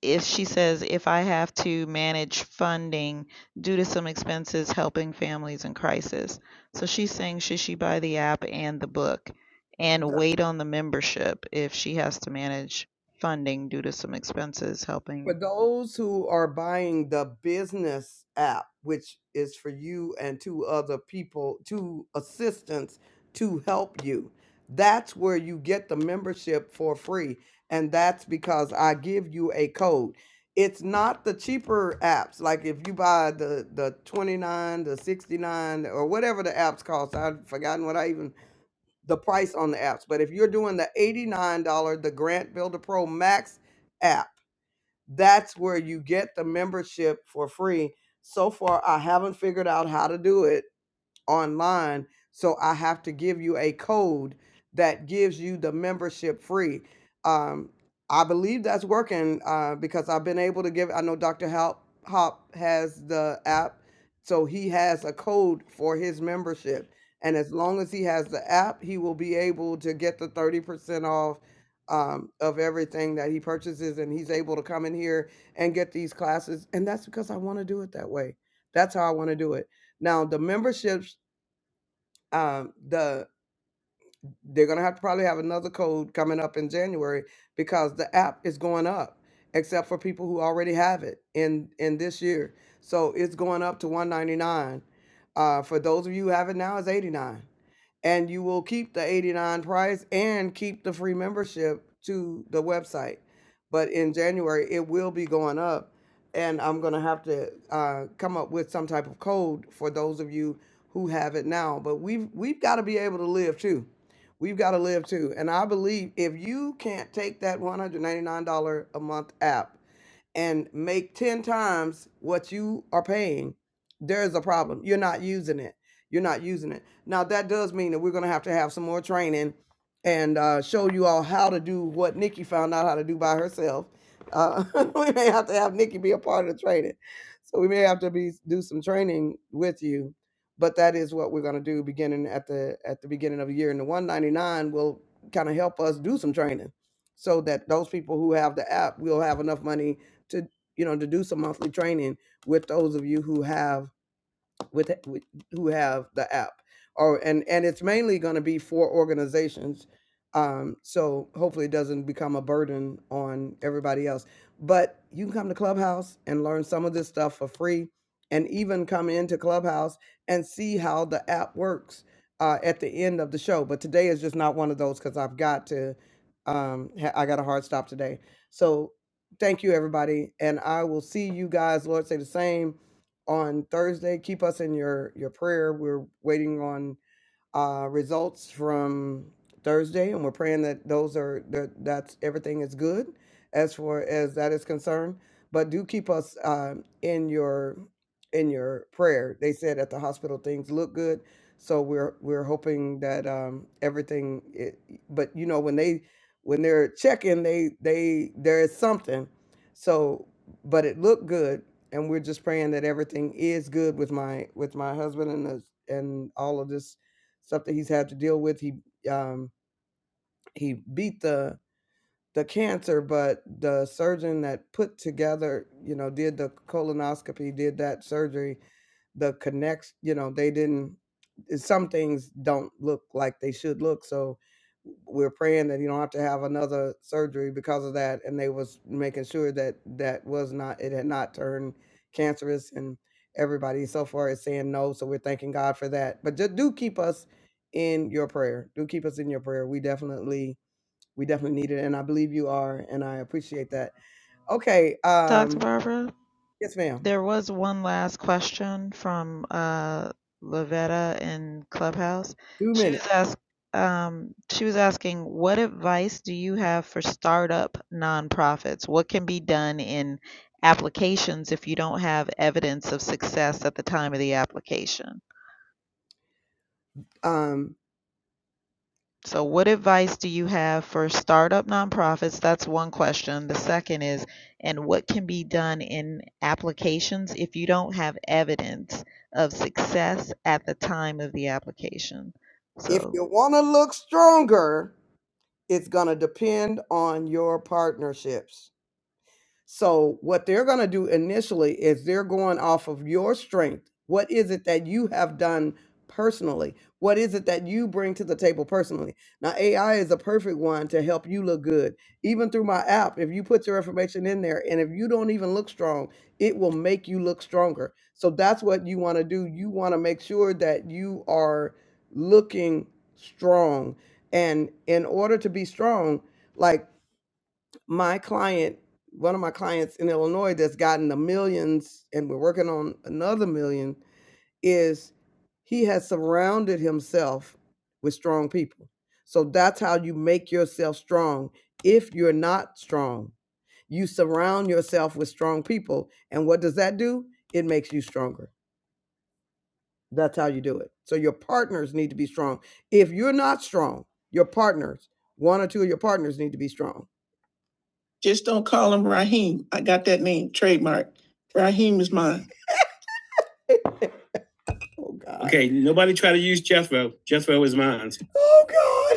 Speaker 2: if she says, if I have to manage funding due to some expenses helping families in crisis. So she's saying, should she buy the app and the book and wait on the membership if she has to manage funding due to some expenses
Speaker 1: For
Speaker 2: helping?
Speaker 1: those who are buying the business app, which is for you and two other people, two assistants to help you, that's where you get the membership for free. And that's because I give you a code. It's not the cheaper apps. Like if you buy the, the 29, the 69, or whatever the apps cost, I've forgotten what I even, the price on the apps. But if you're doing the $89, the Grant Builder Pro Max app, that's where you get the membership for free. So far, I haven't figured out how to do it online. So I have to give you a code that gives you the membership free. Um, I believe that's working uh, because I've been able to give. I know Dr. Hop, Hop has the app, so he has a code for his membership. And as long as he has the app, he will be able to get the 30% off um, of everything that he purchases. And he's able to come in here and get these classes. And that's because I want to do it that way. That's how I want to do it. Now, the memberships um, the they're gonna have to probably have another code coming up in January because the app is going up, except for people who already have it in in this year. So it's going up to 199. Uh, for those of you who have it now, it's 89 and you will keep the 89 price and keep the free membership to the website but in january it will be going up and i'm going to have to uh, come up with some type of code for those of you who have it now but we've we've got to be able to live too we've got to live too and i believe if you can't take that $199 a month app and make 10 times what you are paying there's a problem you're not using it you're not using it. Now that does mean that we're gonna have to have some more training and uh, show you all how to do what Nikki found out how to do by herself. Uh, we may have to have Nikki be a part of the training, so we may have to be do some training with you. But that is what we're gonna do beginning at the at the beginning of the year, and the 199 will kind of help us do some training, so that those people who have the app will have enough money to you know to do some monthly training with those of you who have with, with who have the app or and and it's mainly going to be for organizations um so hopefully it doesn't become a burden on everybody else but you can come to clubhouse and learn some of this stuff for free and even come into clubhouse and see how the app works uh, at the end of the show but today is just not one of those because i've got to um ha- i got a hard stop today so thank you everybody and i will see you guys lord say the same on Thursday. Keep us in your your prayer. We're waiting on uh, results from Thursday, and we're praying that those are that that's everything is good as far as that is concerned. But do keep us um, in your in your prayer. They said at the hospital things look good, so we're we're hoping that um, everything. It, but you know when they when they're checking, they they there is something. So, but it looked good, and we're just praying that everything is good with my with my husband and us and all of this something he's had to deal with. He um he beat the the cancer, but the surgeon that put together, you know, did the colonoscopy, did that surgery, the connects, you know, they didn't. eh, Some things don't look like they should look, so we're praying that you don't have to have another surgery because of that. And they was making sure that that was not, it had not turned cancerous, and everybody so far is saying no. So we're thanking God for that. But just do keep us in your prayer. Do keep us in your prayer. We definitely we definitely need it, and I believe you are, and I appreciate that. Okay,
Speaker 2: Dr.
Speaker 1: um,
Speaker 2: Barbara?
Speaker 1: yes, ma'am.
Speaker 2: There was one last question from uh, Lavetta in Clubhouse.
Speaker 1: Two
Speaker 2: She was
Speaker 1: minutes.
Speaker 2: ask, um, she was asking, what advice do you have for startup nonprofits? What can be done in applications if you don't have evidence of success at the time of the application?
Speaker 1: Um,
Speaker 2: So, what advice do you have for startup nonprofits? That's one question. The second is, and what can be done in applications if you don't have evidence of success at the time of the application?
Speaker 1: if
Speaker 2: So,
Speaker 1: you want to look stronger, it's gonna depend on your partnerships. So, what they're going to do initially is they're going off of your strength. What is it that you have done personally? What is it that you bring to the table personally? Now, AI is a perfect one to help you look good. Even through my app, if you put your information in there and if you don't even look strong, it will make you look stronger. So, that's what you want to do. You want to make sure that you are looking strong. And in order to be strong, like my client, one of my clients in Illinois that's gotten the millions, and we're working on another million, is he has surrounded himself with strong people. So that's how you make yourself strong. If you're not strong, you surround yourself with strong people. And what does that do? It makes you stronger. That's how you do it. So your partners need to be strong. If you're not strong, your partners, one or two of your partners need to be strong just don't call him Raheem. I got that name trademark. Raheem is mine. Oh God. Okay, nobody try to use Jethro. Jethro is mine. Oh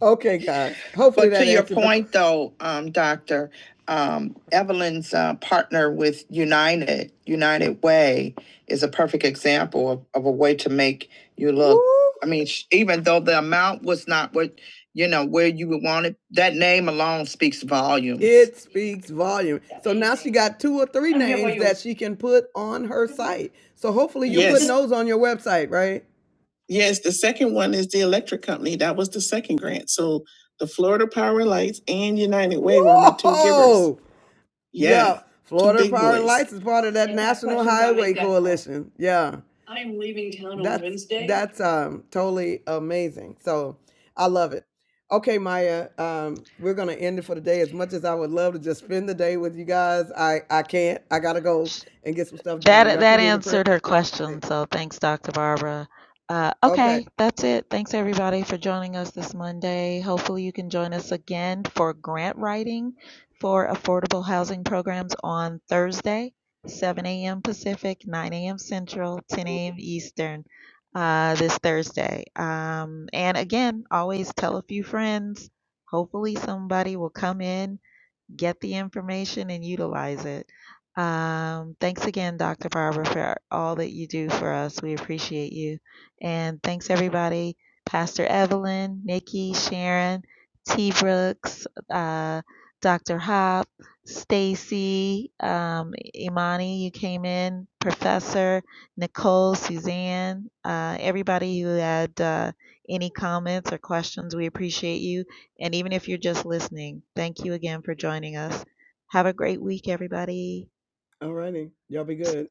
Speaker 1: Okay, guys. Hopefully But that to your answered. the- point though, um, Doctor, um, Evelyn's, uh, partner with United, United Way is a perfect example of, of a way to make you look. Woo! I mean, sh- even though the amount was not what, you know, where you would want it, that name alone speaks volumes. It speaks volume. So now she got two or three names that she can put on her site. So hopefully you're Yes. putting those on your website, right? Yes, the second one is the electric company. That was the second grant. So the Florida Power Lights and United Way were my two givers. Whoa! Yeah, Yeah, two Florida big Power boys. Lights is part of that Any other National questions? I'll Highway make that call. Coalition. Yeah. I'm leaving town on that's, Wednesday. That's um totally amazing. So I love it. Okay, Maya, um, we're gonna end it for the day. As much as I would love to just spend the day with you guys, I I can't. I gotta go
Speaker 2: sh-
Speaker 1: and get some stuff done.
Speaker 2: That
Speaker 1: Y'all keep
Speaker 2: that
Speaker 1: me in your prayer.
Speaker 2: answered her question. So thanks, Dr. Barbara. Uh,
Speaker 1: Okay.
Speaker 2: okay, that's it. Thanks everybody for joining us this Monday. Hopefully you can join us again for grant writing for affordable housing programs on Thursday, 7 a.m. Pacific, 9 a.m. Central, 10 a.m. Eastern. Uh, this Thursday. Um, and again, always tell a few friends. Hopefully somebody will come in get the information and utilize it. Um, thanks again, Dr. Barbara, for all that you do for us. We appreciate you. And thanks, everybody Pastor Evelyn, Nikki, Sharon, T. Brooks, uh, Dr. Hop, Stacy, um, Imani, you came in, Professor, Nicole, Suzanne, uh, everybody who had uh, any comments or questions. We appreciate you. And even if you're just listening, thank you again for joining us. Have a great week, everybody.
Speaker 1: All righty. Y'all be good.